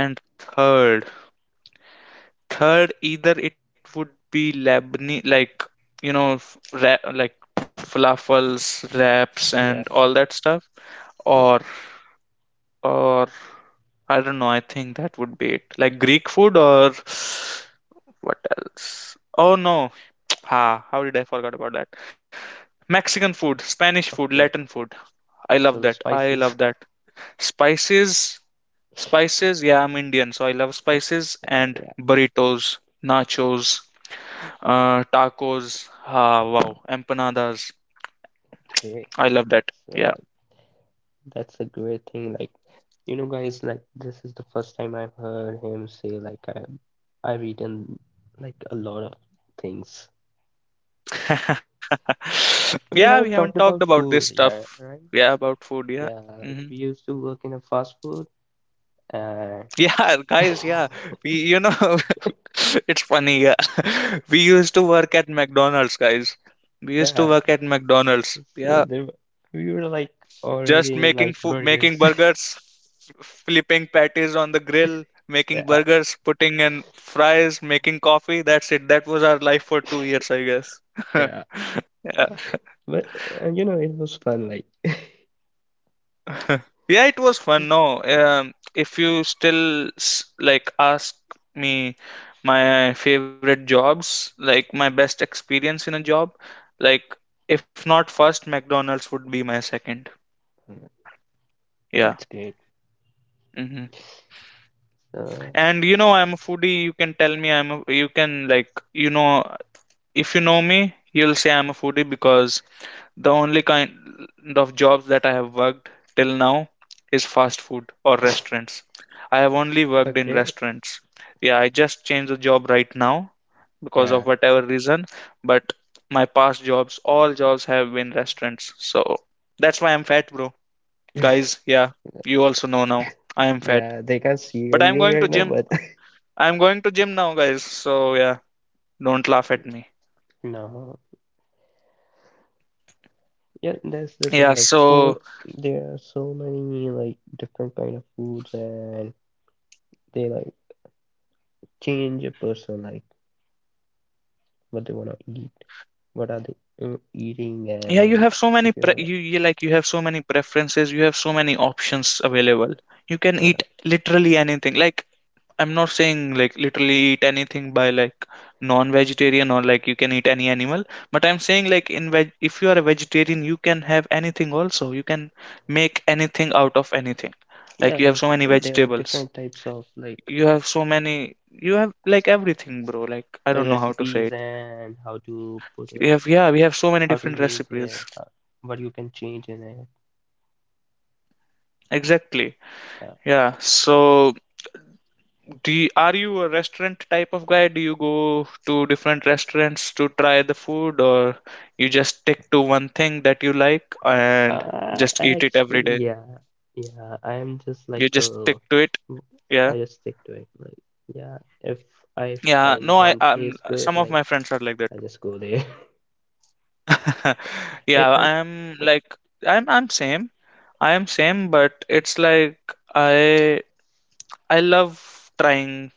[SPEAKER 2] And third, third either it would be Lebanese, like, you know, f- ra like falafels, wraps,
[SPEAKER 1] Yeah,
[SPEAKER 2] and all that stuff,
[SPEAKER 1] yeah,
[SPEAKER 2] or or I don't know. I think that would be it. Like Greek food or what else? Oh no, <tsk> ha! How did I forget about that? Mexican food, Spanish food, Latin
[SPEAKER 1] okay.
[SPEAKER 2] food. I love
[SPEAKER 1] So the
[SPEAKER 2] that. I love
[SPEAKER 1] spices. <laughs>
[SPEAKER 2] that. Spices, spices. Yeah, I'm Indian, so I love
[SPEAKER 1] Yeah,
[SPEAKER 2] spices
[SPEAKER 1] yeah,
[SPEAKER 2] and
[SPEAKER 1] yeah.
[SPEAKER 2] burritos, nachos, tacos. Ah, wow, empanadas.
[SPEAKER 1] Okay.
[SPEAKER 2] I love that.
[SPEAKER 1] So
[SPEAKER 2] Yeah.
[SPEAKER 1] that's a great thing. Like, you know, guys, like this is the first time I've heard him say like I've eaten like a lot of things.
[SPEAKER 2] <laughs>
[SPEAKER 1] We
[SPEAKER 2] Yeah, we
[SPEAKER 1] haven't
[SPEAKER 2] haven't
[SPEAKER 1] talked about
[SPEAKER 2] talked about
[SPEAKER 1] food,
[SPEAKER 2] this
[SPEAKER 1] yeah,
[SPEAKER 2] stuff.
[SPEAKER 1] right?
[SPEAKER 2] Yeah, about food.
[SPEAKER 1] Yeah,
[SPEAKER 2] Yeah.
[SPEAKER 1] like we
[SPEAKER 2] hmm
[SPEAKER 1] used to work in a fast food. Uh.
[SPEAKER 2] Yeah, <laughs> guys. Yeah,
[SPEAKER 1] <laughs>
[SPEAKER 2] we. You know, <laughs> it's funny. Yeah, <laughs> we used to work at McDonald's, guys. We used to
[SPEAKER 1] Yeah,
[SPEAKER 2] work at McDonald's.
[SPEAKER 1] so
[SPEAKER 2] Yeah,
[SPEAKER 1] there we were like
[SPEAKER 2] just
[SPEAKER 1] already in like burgers.
[SPEAKER 2] making
[SPEAKER 1] <laughs>
[SPEAKER 2] burgers, flipping patties on the grill, making
[SPEAKER 1] Yeah,
[SPEAKER 2] burgers, putting in fries, making coffee. That's it. That was our life for 2 years, I guess. <laughs>
[SPEAKER 1] yeah.
[SPEAKER 2] Yeah.
[SPEAKER 1] But you know, it was fun like <laughs>
[SPEAKER 2] <laughs> Yeah, it was fun. No,
[SPEAKER 1] yeah,
[SPEAKER 2] if you like ask me my favorite jobs, like my best experience in a job, like if not first, McDonald's would be my second.
[SPEAKER 1] mm,
[SPEAKER 2] Yeah.
[SPEAKER 1] that's great.
[SPEAKER 2] hmm
[SPEAKER 1] So,
[SPEAKER 2] And you know, I'm a foodie. You can tell me you can like, you know, if you know me, you'll say I'm a foodie because the only kind of jobs that I have worked till now is fast food or restaurants. I have only worked in
[SPEAKER 1] okay.
[SPEAKER 2] restaurants. Yeah, I just changed the job right now because of
[SPEAKER 1] Yeah.
[SPEAKER 2] whatever reason, but my past jobs, all jobs have been restaurants. So that's why I'm fat, bro. Guys,
[SPEAKER 1] <laughs>
[SPEAKER 2] yeah, you also know now. I am fat.
[SPEAKER 1] Yeah, they can't see
[SPEAKER 2] But
[SPEAKER 1] you right now, but <laughs>
[SPEAKER 2] I'm going to gym now, guys. So yeah, don't laugh at me.
[SPEAKER 1] no. Yeah, that's the
[SPEAKER 2] Yeah.
[SPEAKER 1] thing. Like
[SPEAKER 2] So
[SPEAKER 1] food, there are so many like different kind of foods, and they like change a person like what they wanna eat, what are they eating,
[SPEAKER 2] yeah, you
[SPEAKER 1] and
[SPEAKER 2] have so many
[SPEAKER 1] if you have
[SPEAKER 2] you have so many preferences. You have so many options available. You can
[SPEAKER 1] yeah,
[SPEAKER 2] eat literally anything. Like, I'm not saying like literally eat anything by like non-vegetarian or like you can eat any animal. But I'm saying like in veg, if you are a vegetarian, you can have anything also. You can make anything out of anything.
[SPEAKER 1] yeah,
[SPEAKER 2] Like you have so
[SPEAKER 1] like
[SPEAKER 2] many
[SPEAKER 1] and there are
[SPEAKER 2] vegetables.
[SPEAKER 1] different types of like
[SPEAKER 2] You have so many, you have like everything, bro. Like I don't know how to say
[SPEAKER 1] recipes
[SPEAKER 2] it.
[SPEAKER 1] and how to put
[SPEAKER 2] you
[SPEAKER 1] it,
[SPEAKER 2] have yeah we have so many
[SPEAKER 1] how to
[SPEAKER 2] different
[SPEAKER 1] make it,
[SPEAKER 2] recipes.
[SPEAKER 1] how, what you can change in it.
[SPEAKER 2] Exactly.
[SPEAKER 1] Yeah.
[SPEAKER 2] Yeah, so are you a restaurant type of guy? Do you go to different restaurants to try the food, or you just stick to one thing that you like and just eat it every
[SPEAKER 1] Actually,
[SPEAKER 2] day?
[SPEAKER 1] yeah, yeah. I am just
[SPEAKER 2] You
[SPEAKER 1] like
[SPEAKER 2] just stick to it.
[SPEAKER 1] w-
[SPEAKER 2] Yeah,
[SPEAKER 1] I just stick to it. Like, yeah, if I
[SPEAKER 2] yeah, no,
[SPEAKER 1] find
[SPEAKER 2] I,
[SPEAKER 1] one place good,
[SPEAKER 2] some of
[SPEAKER 1] like
[SPEAKER 2] my friends are like that
[SPEAKER 1] I
[SPEAKER 2] too.
[SPEAKER 1] just go there. <laughs>
[SPEAKER 2] <laughs> Yeah,
[SPEAKER 1] It like it,
[SPEAKER 2] I'm same. I am same, but it's like I I love trying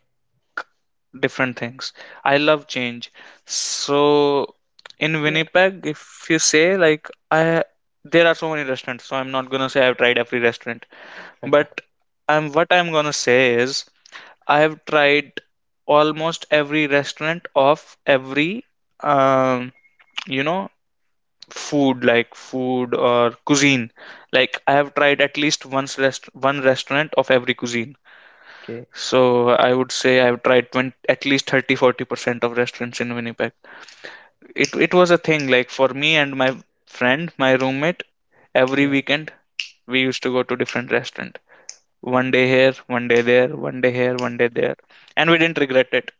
[SPEAKER 2] different things. I love change. So in
[SPEAKER 1] yeah.
[SPEAKER 2] Winnipeg, if you say like I there are so many restaurants, so I'm not gonna say I've tried every restaurant.
[SPEAKER 1] Okay,
[SPEAKER 2] But I'm gonna say is I have tried almost every restaurant of every um you know food or cuisine. Like I have tried at least once, rest one restaurant of every cuisine.
[SPEAKER 1] okay,
[SPEAKER 2] So I would say I've tried 20, at least 30 40% of restaurants in Winnipeg. It was a thing like for me and my friend, my roommate. Every
[SPEAKER 1] yeah,
[SPEAKER 2] weekend we used to go to different restaurant, one day here, one day there, one day here, one day there, and we didn't regret it,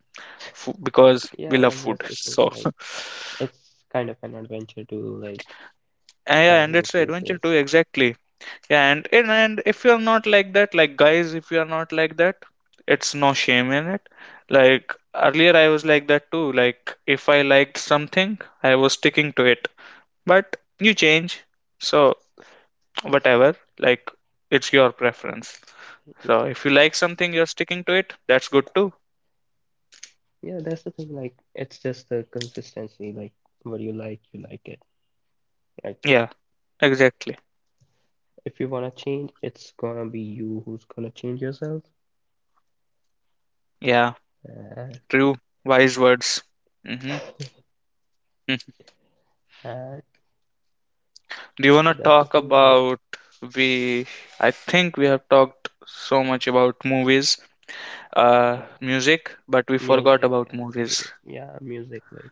[SPEAKER 2] because we
[SPEAKER 1] yeah.
[SPEAKER 2] love food.
[SPEAKER 1] That's the thing.
[SPEAKER 2] So
[SPEAKER 1] Like,
[SPEAKER 2] <laughs>
[SPEAKER 1] it's kind of an adventure to
[SPEAKER 2] yeah,
[SPEAKER 1] try
[SPEAKER 2] and
[SPEAKER 1] new
[SPEAKER 2] it's an adventure too.
[SPEAKER 1] places.
[SPEAKER 2] Exactly. And if you're not like that, like guys, if you're not like that, it's no shame in it. Like earlier I was like that too. Like if I liked something, I was sticking to it. But you change. So whatever, like it's your preference.
[SPEAKER 1] Yeah,
[SPEAKER 2] So if you like something, you're sticking to it, that's good too.
[SPEAKER 1] yeah. That's the thing. Like, it's just the consistency. Like, what you like it. Like,
[SPEAKER 2] Yeah, exactly.
[SPEAKER 1] if you wanna change, it's gonna be you who's gonna change yourself.
[SPEAKER 2] Yeah.
[SPEAKER 1] Uh,
[SPEAKER 2] True. Wise words. Mm-hmm.
[SPEAKER 1] <laughs>
[SPEAKER 2] hmm
[SPEAKER 1] Uh,
[SPEAKER 2] do you want
[SPEAKER 1] so
[SPEAKER 2] to
[SPEAKER 1] that's the
[SPEAKER 2] talk
[SPEAKER 1] thing,
[SPEAKER 2] about, we I think we have talked so much about movies,
[SPEAKER 1] yeah,
[SPEAKER 2] music, but we forgot
[SPEAKER 1] music
[SPEAKER 2] about
[SPEAKER 1] and
[SPEAKER 2] movies.
[SPEAKER 1] food. Yeah, music,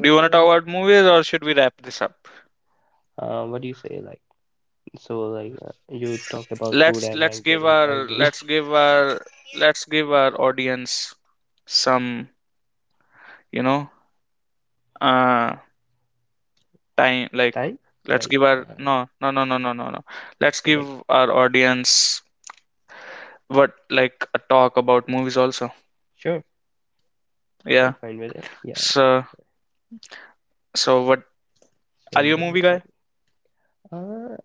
[SPEAKER 2] Do you want to talk about movies, or should we wrap this up?
[SPEAKER 1] what do you say, you talked about food,
[SPEAKER 2] Let's
[SPEAKER 1] am I
[SPEAKER 2] let's give
[SPEAKER 1] getting
[SPEAKER 2] our
[SPEAKER 1] hungry?
[SPEAKER 2] let's give our let's give our audience some, you know uh time,
[SPEAKER 1] <laughs>
[SPEAKER 2] like.
[SPEAKER 1] Time?
[SPEAKER 2] Let's
[SPEAKER 1] Like,
[SPEAKER 2] give our
[SPEAKER 1] uh,
[SPEAKER 2] No, no, no, no, no, no, no. Let's
[SPEAKER 1] so,
[SPEAKER 2] give
[SPEAKER 1] like,
[SPEAKER 2] our audience, what like a talk about movies also.
[SPEAKER 1] sure, I'm
[SPEAKER 2] Yeah.
[SPEAKER 1] fine with it. Yeah,
[SPEAKER 2] So so what, are you a
[SPEAKER 1] so,
[SPEAKER 2] movie
[SPEAKER 1] like,
[SPEAKER 2] guy?
[SPEAKER 1] uh,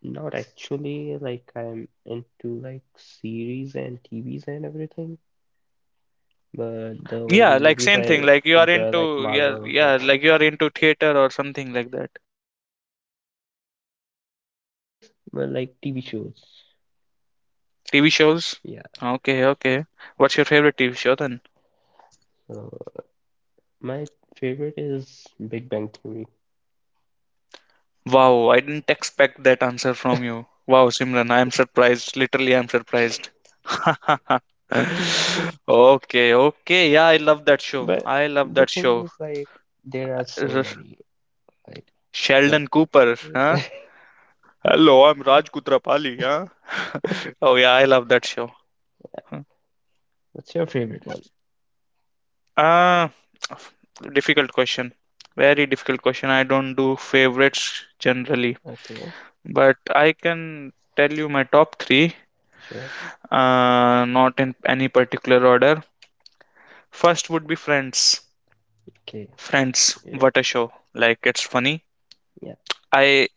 [SPEAKER 1] not actually, like, I'm into, like, series and TVs and everything, but the only
[SPEAKER 2] Yeah, like
[SPEAKER 1] movies
[SPEAKER 2] same thing.
[SPEAKER 1] I
[SPEAKER 2] Like you are
[SPEAKER 1] enjoy, like,
[SPEAKER 2] into, yeah,
[SPEAKER 1] Marvel.
[SPEAKER 2] yeah, like you are into theater or something like that.
[SPEAKER 1] <laughs> Yeah, no,
[SPEAKER 2] Yeah,
[SPEAKER 1] like
[SPEAKER 2] like
[SPEAKER 1] not theaters, but like TV shows.
[SPEAKER 2] TV shows?
[SPEAKER 1] Yeah.
[SPEAKER 2] Okay, okay. What's your favorite TV show then?
[SPEAKER 1] So my favorite is Big Bang Theory.
[SPEAKER 2] Wow, I didn't expect that answer from you. Wow, Simran, I am surprised. Literally, I'm surprised. <laughs> Okay, okay. Yeah, I love that show.
[SPEAKER 1] But
[SPEAKER 2] I love
[SPEAKER 1] the
[SPEAKER 2] that
[SPEAKER 1] thing
[SPEAKER 2] show.
[SPEAKER 1] is, like, there are so
[SPEAKER 2] R-
[SPEAKER 1] many. Like, uh,
[SPEAKER 2] Sheldon Cooper, huh? Hello, I'm Raj Kutrapali, huh? <laughs> Oh, yeah, I love that show. Huh?
[SPEAKER 1] <laughs> what's your favorite one?
[SPEAKER 2] Ah, difficult question. Very difficult question. I don't do favorites generally.
[SPEAKER 1] Okay,
[SPEAKER 2] But I can tell you my top three,
[SPEAKER 1] sure.
[SPEAKER 2] not in any particular order. First would be Friends.
[SPEAKER 1] Okay.
[SPEAKER 2] Friends,
[SPEAKER 1] Yeah.
[SPEAKER 2] what a show! Like, it's funny.
[SPEAKER 1] Yeah.
[SPEAKER 2] I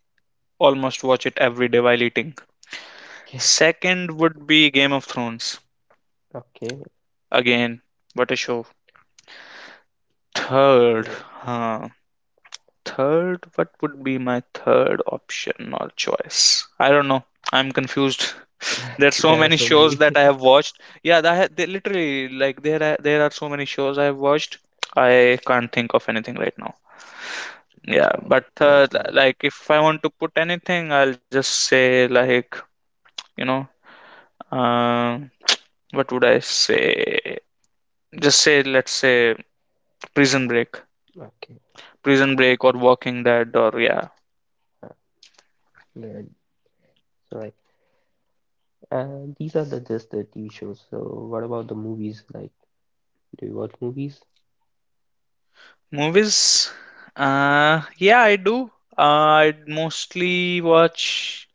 [SPEAKER 2] almost watch it every day while eating.
[SPEAKER 1] Okay.
[SPEAKER 2] Second would be Game of Thrones.
[SPEAKER 1] Okay.
[SPEAKER 2] Again, what a show. Third,
[SPEAKER 1] Sure.
[SPEAKER 2] huh, third, what would be my third option or choice? I don't know. I'm confused. <laughs> There's so
[SPEAKER 1] There are
[SPEAKER 2] many
[SPEAKER 1] so
[SPEAKER 2] shows
[SPEAKER 1] many.
[SPEAKER 2] that I have watched. Yeah, that ha- they literally like there are so many shows I have watched. I can't think of anything right now.
[SPEAKER 1] <laughs> That's
[SPEAKER 2] Yeah,
[SPEAKER 1] fine.
[SPEAKER 2] but
[SPEAKER 1] That's fine.
[SPEAKER 2] like if I want to put anything, I'll just say like, you know, uh, what would I say? Just say, let's say, Prison Break,
[SPEAKER 1] Okay.
[SPEAKER 2] Prison Break, or Walking Dead, or yeah.
[SPEAKER 1] Uh, good. So, like, these are the just the TV shows. So, what about the movies? Like, do you watch movies?
[SPEAKER 2] Movies? Yeah, I do. Uh, I mostly watch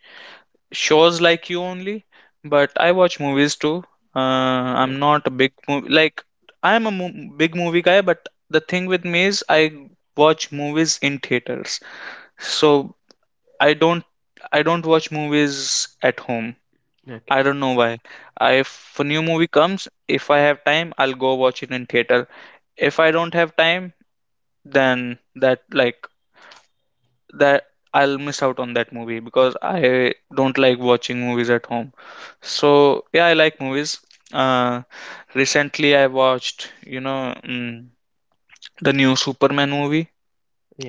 [SPEAKER 2] shows like you only, but I watch movies too. Uh,
[SPEAKER 1] Okay.
[SPEAKER 2] I'm not a big movie, like big movie guy, but the thing with me is I watch movies in theaters. So I don't I don't watch movies at home.
[SPEAKER 1] Okay.
[SPEAKER 2] I don't know why. I, if a new movie comes, if I have time, I'll go watch it in theater. If I don't have time, then that like that I'll miss out on that movie because I don't like watching movies at home. So yeah, I like movies. Uh, recently I watched, you know, mm, the new Superman movie.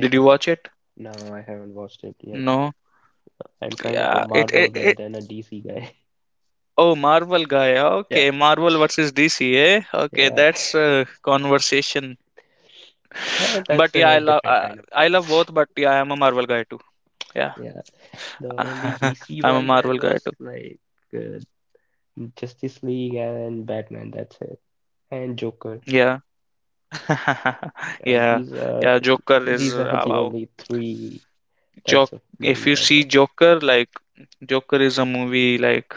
[SPEAKER 2] Did you watch it?
[SPEAKER 1] no, I haven't watched it yet.
[SPEAKER 2] No.
[SPEAKER 1] I'm kind of a
[SPEAKER 2] Yeah. It
[SPEAKER 1] Marvel
[SPEAKER 2] it,
[SPEAKER 1] guy
[SPEAKER 2] it
[SPEAKER 1] than a DC guy. <laughs>
[SPEAKER 2] Oh, Marvel guy.
[SPEAKER 1] Yeah,
[SPEAKER 2] Okay, Marvel versus DC. Eh? Okay,
[SPEAKER 1] yeah,
[SPEAKER 2] that's
[SPEAKER 1] <laughs>
[SPEAKER 2] a conversation.
[SPEAKER 1] That's
[SPEAKER 2] But yeah,
[SPEAKER 1] a different kind of
[SPEAKER 2] I love
[SPEAKER 1] conversation.
[SPEAKER 2] both. But yeah, I am a Marvel guy too.
[SPEAKER 1] <laughs>
[SPEAKER 2] Yeah,
[SPEAKER 1] Yeah, the
[SPEAKER 2] <laughs>
[SPEAKER 1] only DC
[SPEAKER 2] I'm a
[SPEAKER 1] ones I
[SPEAKER 2] Marvel guy
[SPEAKER 1] watched
[SPEAKER 2] too.
[SPEAKER 1] uh, Justice League and Batman. That's it, and Joker.
[SPEAKER 2] Yeah. <laughs>
[SPEAKER 1] Yeah,
[SPEAKER 2] Yeah,
[SPEAKER 1] these are
[SPEAKER 2] yeah, Joker is
[SPEAKER 1] the
[SPEAKER 2] wow.
[SPEAKER 1] only three types
[SPEAKER 2] Jok
[SPEAKER 1] of
[SPEAKER 2] If
[SPEAKER 1] movies
[SPEAKER 2] you
[SPEAKER 1] I
[SPEAKER 2] see
[SPEAKER 1] watched.
[SPEAKER 2] Joker, like Joker is a movie like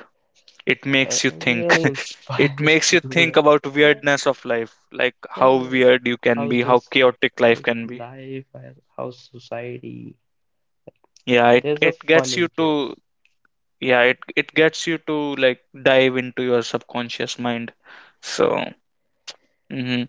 [SPEAKER 2] it
[SPEAKER 1] I It
[SPEAKER 2] makes you think.
[SPEAKER 1] really
[SPEAKER 2] <laughs> It
[SPEAKER 1] inspires <laughs>
[SPEAKER 2] makes
[SPEAKER 1] you,
[SPEAKER 2] you think
[SPEAKER 1] like.
[SPEAKER 2] about
[SPEAKER 1] Yeah.
[SPEAKER 2] weirdness of life, like
[SPEAKER 1] Yeah,
[SPEAKER 2] how
[SPEAKER 1] like
[SPEAKER 2] weird you can
[SPEAKER 1] how's
[SPEAKER 2] be, how
[SPEAKER 1] this,
[SPEAKER 2] chaotic life
[SPEAKER 1] how's
[SPEAKER 2] can be.
[SPEAKER 1] life, and how's society?
[SPEAKER 2] Yeah, it
[SPEAKER 1] There's a
[SPEAKER 2] it
[SPEAKER 1] fun
[SPEAKER 2] gets
[SPEAKER 1] in
[SPEAKER 2] you
[SPEAKER 1] chaos.
[SPEAKER 2] to, yeah, it gets you to like dive into your subconscious mind.
[SPEAKER 1] Uh,
[SPEAKER 2] So, mhm.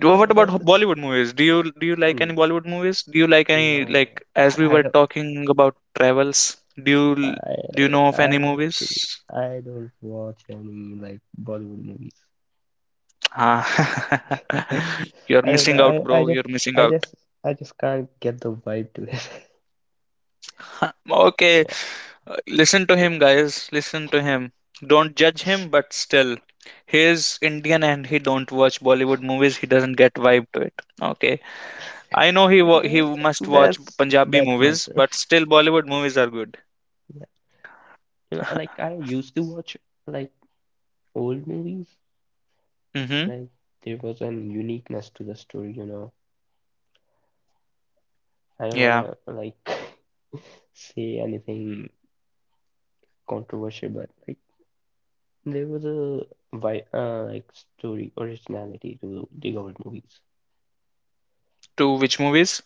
[SPEAKER 1] yeah,
[SPEAKER 2] What
[SPEAKER 1] that's the
[SPEAKER 2] about
[SPEAKER 1] thing.
[SPEAKER 2] Bollywood movies? Do you like any
[SPEAKER 1] And
[SPEAKER 2] Bollywood movies? Do you like any,
[SPEAKER 1] no,
[SPEAKER 2] like as
[SPEAKER 1] <laughs>
[SPEAKER 2] we
[SPEAKER 1] I
[SPEAKER 2] were
[SPEAKER 1] don't.
[SPEAKER 2] talking about travels? Do you
[SPEAKER 1] I,
[SPEAKER 2] do you know of
[SPEAKER 1] I
[SPEAKER 2] any
[SPEAKER 1] actually
[SPEAKER 2] movies?
[SPEAKER 1] I don't watch any like Bollywood movies.
[SPEAKER 2] Ah, <laughs> you're
[SPEAKER 1] I don't know.
[SPEAKER 2] missing out, bro. You're missing
[SPEAKER 1] I
[SPEAKER 2] out.
[SPEAKER 1] just I just can't get the vibe to it. <laughs>
[SPEAKER 2] <laughs> Okay,
[SPEAKER 1] Yeah,
[SPEAKER 2] listen to him, guys. Listen to him. Don't judge him, but still, he is Indian and he don't watch Bollywood movies. He doesn't get vibe to it. Okay, I know
[SPEAKER 1] uh,
[SPEAKER 2] he must watch
[SPEAKER 1] that's
[SPEAKER 2] Punjabi
[SPEAKER 1] that's my
[SPEAKER 2] movies,
[SPEAKER 1] problem.
[SPEAKER 2] but still Bollywood movies are good.
[SPEAKER 1] Yeah, you know, like
[SPEAKER 2] <laughs>
[SPEAKER 1] I used to watch like old movies.
[SPEAKER 2] Mm-hmm.
[SPEAKER 1] Like there was an uniqueness to the story, you know. I don't
[SPEAKER 2] Yeah.
[SPEAKER 1] wanna like <laughs> say anything controversial, but like there was a vi like story originality to the old movies,
[SPEAKER 2] To which movies?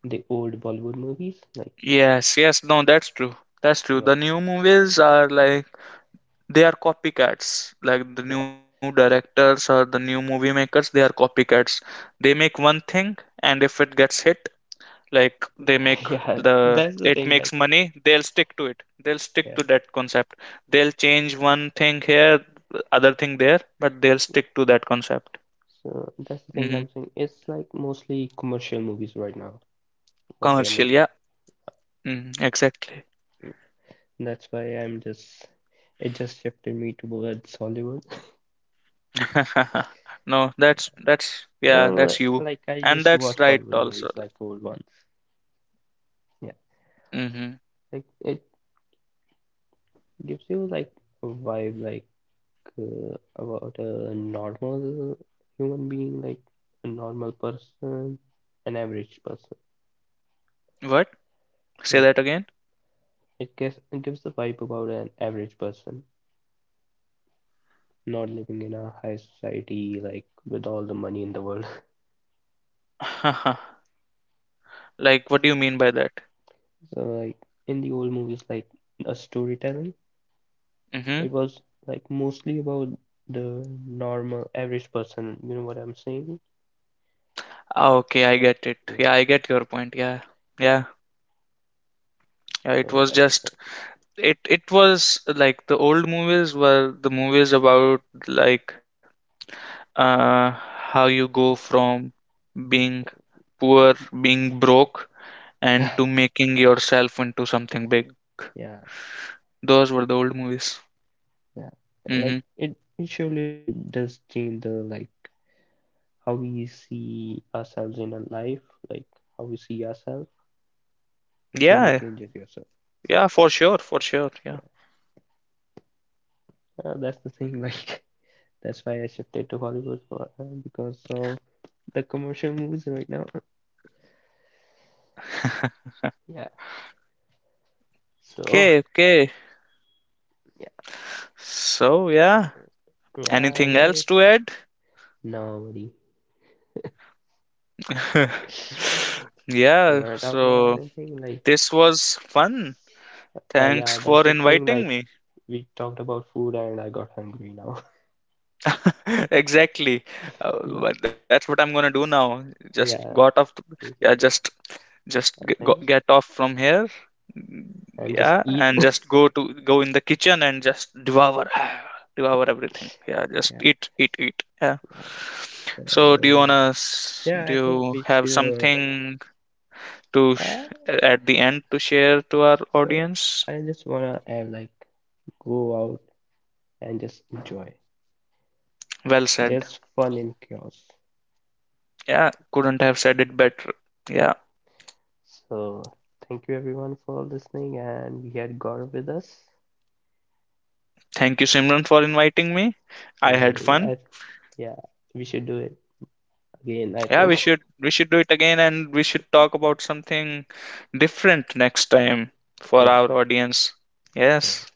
[SPEAKER 1] the old Bollywood movies. Like
[SPEAKER 2] Yes, yes, no, that's true. That's true.
[SPEAKER 1] yeah,
[SPEAKER 2] The new movies are like they are copycats. Like the
[SPEAKER 1] yeah,
[SPEAKER 2] new directors or the new movie makers, they are copycats. They make one thing, and if it gets hit, like they make
[SPEAKER 1] <laughs> yeah.
[SPEAKER 2] the
[SPEAKER 1] That's the
[SPEAKER 2] it
[SPEAKER 1] thing.
[SPEAKER 2] makes
[SPEAKER 1] Like
[SPEAKER 2] money, they'll stick to it. They'll stick
[SPEAKER 1] yeah.
[SPEAKER 2] to that concept. They'll change one thing here, other thing there, but they'll stick to that concept.
[SPEAKER 1] So that's the thing I'm
[SPEAKER 2] hmm
[SPEAKER 1] saying. It's like mostly commercial movies right now, what they are
[SPEAKER 2] Commercial,
[SPEAKER 1] making.
[SPEAKER 2] yeah. Exactly.
[SPEAKER 1] That's why I'm just it just shifted me towards Hollywood.
[SPEAKER 2] <laughs> No,
[SPEAKER 1] <laughs>
[SPEAKER 2] that's
[SPEAKER 1] No,
[SPEAKER 2] yeah, that's you.
[SPEAKER 1] I
[SPEAKER 2] And
[SPEAKER 1] used to
[SPEAKER 2] that's
[SPEAKER 1] watch
[SPEAKER 2] right
[SPEAKER 1] Bollywood
[SPEAKER 2] also,
[SPEAKER 1] movies, like
[SPEAKER 2] like.
[SPEAKER 1] old ones. Yeah,
[SPEAKER 2] Mm-hmm.
[SPEAKER 1] like it gives you like a vibe like about a normal human being, like a normal person, an average person.
[SPEAKER 2] What? Say
[SPEAKER 1] Like
[SPEAKER 2] that again?
[SPEAKER 1] it gives the vibe about an average person, not living in a high society like with all the money in the world. <laughs>
[SPEAKER 2] <laughs> Like, what do you mean by that?
[SPEAKER 1] So like in the old movies, like a storytelling.
[SPEAKER 2] Mm-hmm.
[SPEAKER 1] It was like mostly about the normal average person. You know what I'm saying?
[SPEAKER 2] Ah, okay, I get it.
[SPEAKER 1] Yeah.
[SPEAKER 2] Yeah, I get your point. Yeah. Yeah. Yeah, it
[SPEAKER 1] So
[SPEAKER 2] was
[SPEAKER 1] that's the
[SPEAKER 2] just,
[SPEAKER 1] thing. <laughs>
[SPEAKER 2] it was like, the old movies were the movies about like, uh how you go from being poor, being broke,
[SPEAKER 1] Yeah.
[SPEAKER 2] and to making yourself into something big.
[SPEAKER 1] Yeah.
[SPEAKER 2] Those were the old movies.
[SPEAKER 1] Yeah. Like
[SPEAKER 2] Mm-hmm.
[SPEAKER 1] it surely does change the like how we see ourselves in our life, like how we see ourselves. It surely
[SPEAKER 2] Yeah,
[SPEAKER 1] changes yourself.
[SPEAKER 2] yeah, for sure, for sure. Yeah.
[SPEAKER 1] Yeah. That's the thing. Like <laughs> that's why I shifted to Hollywood for because of the commercial movies right now. Yeah. So
[SPEAKER 2] Okay, okay.
[SPEAKER 1] yeah.
[SPEAKER 2] So, yeah.
[SPEAKER 1] Yeah. I
[SPEAKER 2] Anything else to
[SPEAKER 1] guess
[SPEAKER 2] add?
[SPEAKER 1] nobody.
[SPEAKER 2] <laughs>
[SPEAKER 1] <laughs> You
[SPEAKER 2] Yeah,
[SPEAKER 1] wanna talk about
[SPEAKER 2] so
[SPEAKER 1] anything?
[SPEAKER 2] this was fun.
[SPEAKER 1] Yeah,
[SPEAKER 2] Thanks
[SPEAKER 1] that's
[SPEAKER 2] for
[SPEAKER 1] the thing. Like,
[SPEAKER 2] inviting me.
[SPEAKER 1] we talked about food and I got hungry now. <laughs>
[SPEAKER 2] <laughs> Exactly.
[SPEAKER 1] Yeah,
[SPEAKER 2] But that's what I'm gonna do now. Just got
[SPEAKER 1] yeah,
[SPEAKER 2] off the, yeah,
[SPEAKER 1] okay, I
[SPEAKER 2] go,
[SPEAKER 1] think.
[SPEAKER 2] get off from here,
[SPEAKER 1] And just
[SPEAKER 2] yeah,
[SPEAKER 1] eat.
[SPEAKER 2] and
[SPEAKER 1] <laughs>
[SPEAKER 2] just go in the kitchen and just devour <sighs> devour everything. Yeah, just
[SPEAKER 1] Yeah,
[SPEAKER 2] eat, eat, eat. Yeah.
[SPEAKER 1] yeah.
[SPEAKER 2] So
[SPEAKER 1] So, yeah, I
[SPEAKER 2] do
[SPEAKER 1] think
[SPEAKER 2] you
[SPEAKER 1] we
[SPEAKER 2] have
[SPEAKER 1] should.
[SPEAKER 2] something to sh-
[SPEAKER 1] Uh,
[SPEAKER 2] at the end to share to our
[SPEAKER 1] so,
[SPEAKER 2] audience?
[SPEAKER 1] I just wanna add, like, go out and just enjoy.
[SPEAKER 2] Well said.
[SPEAKER 1] There's fun in chaos.
[SPEAKER 2] Yeah, couldn't have said it better.
[SPEAKER 1] Yeah.
[SPEAKER 2] Yeah.
[SPEAKER 1] So, thank you everyone for listening, and we had Gaurav with us.
[SPEAKER 2] Thank you, Simran, for inviting me.
[SPEAKER 1] No
[SPEAKER 2] I had
[SPEAKER 1] worries. I
[SPEAKER 2] fun.
[SPEAKER 1] th Yeah, we should do it again, I
[SPEAKER 2] Yeah,
[SPEAKER 1] think.
[SPEAKER 2] we
[SPEAKER 1] <laughs>
[SPEAKER 2] should, do it again, and we should talk about something different next time for
[SPEAKER 1] Yeah,
[SPEAKER 2] our audience.
[SPEAKER 1] sure.
[SPEAKER 2] Yes.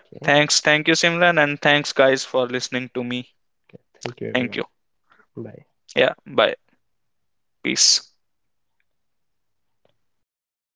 [SPEAKER 1] Okay.
[SPEAKER 2] Thanks. Thank you, Simran, and thanks guys for listening to me.
[SPEAKER 1] Okay. Thank you,
[SPEAKER 2] Thank
[SPEAKER 1] everyone.
[SPEAKER 2] you.
[SPEAKER 1] Bye.
[SPEAKER 2] Yeah, bye. Peace.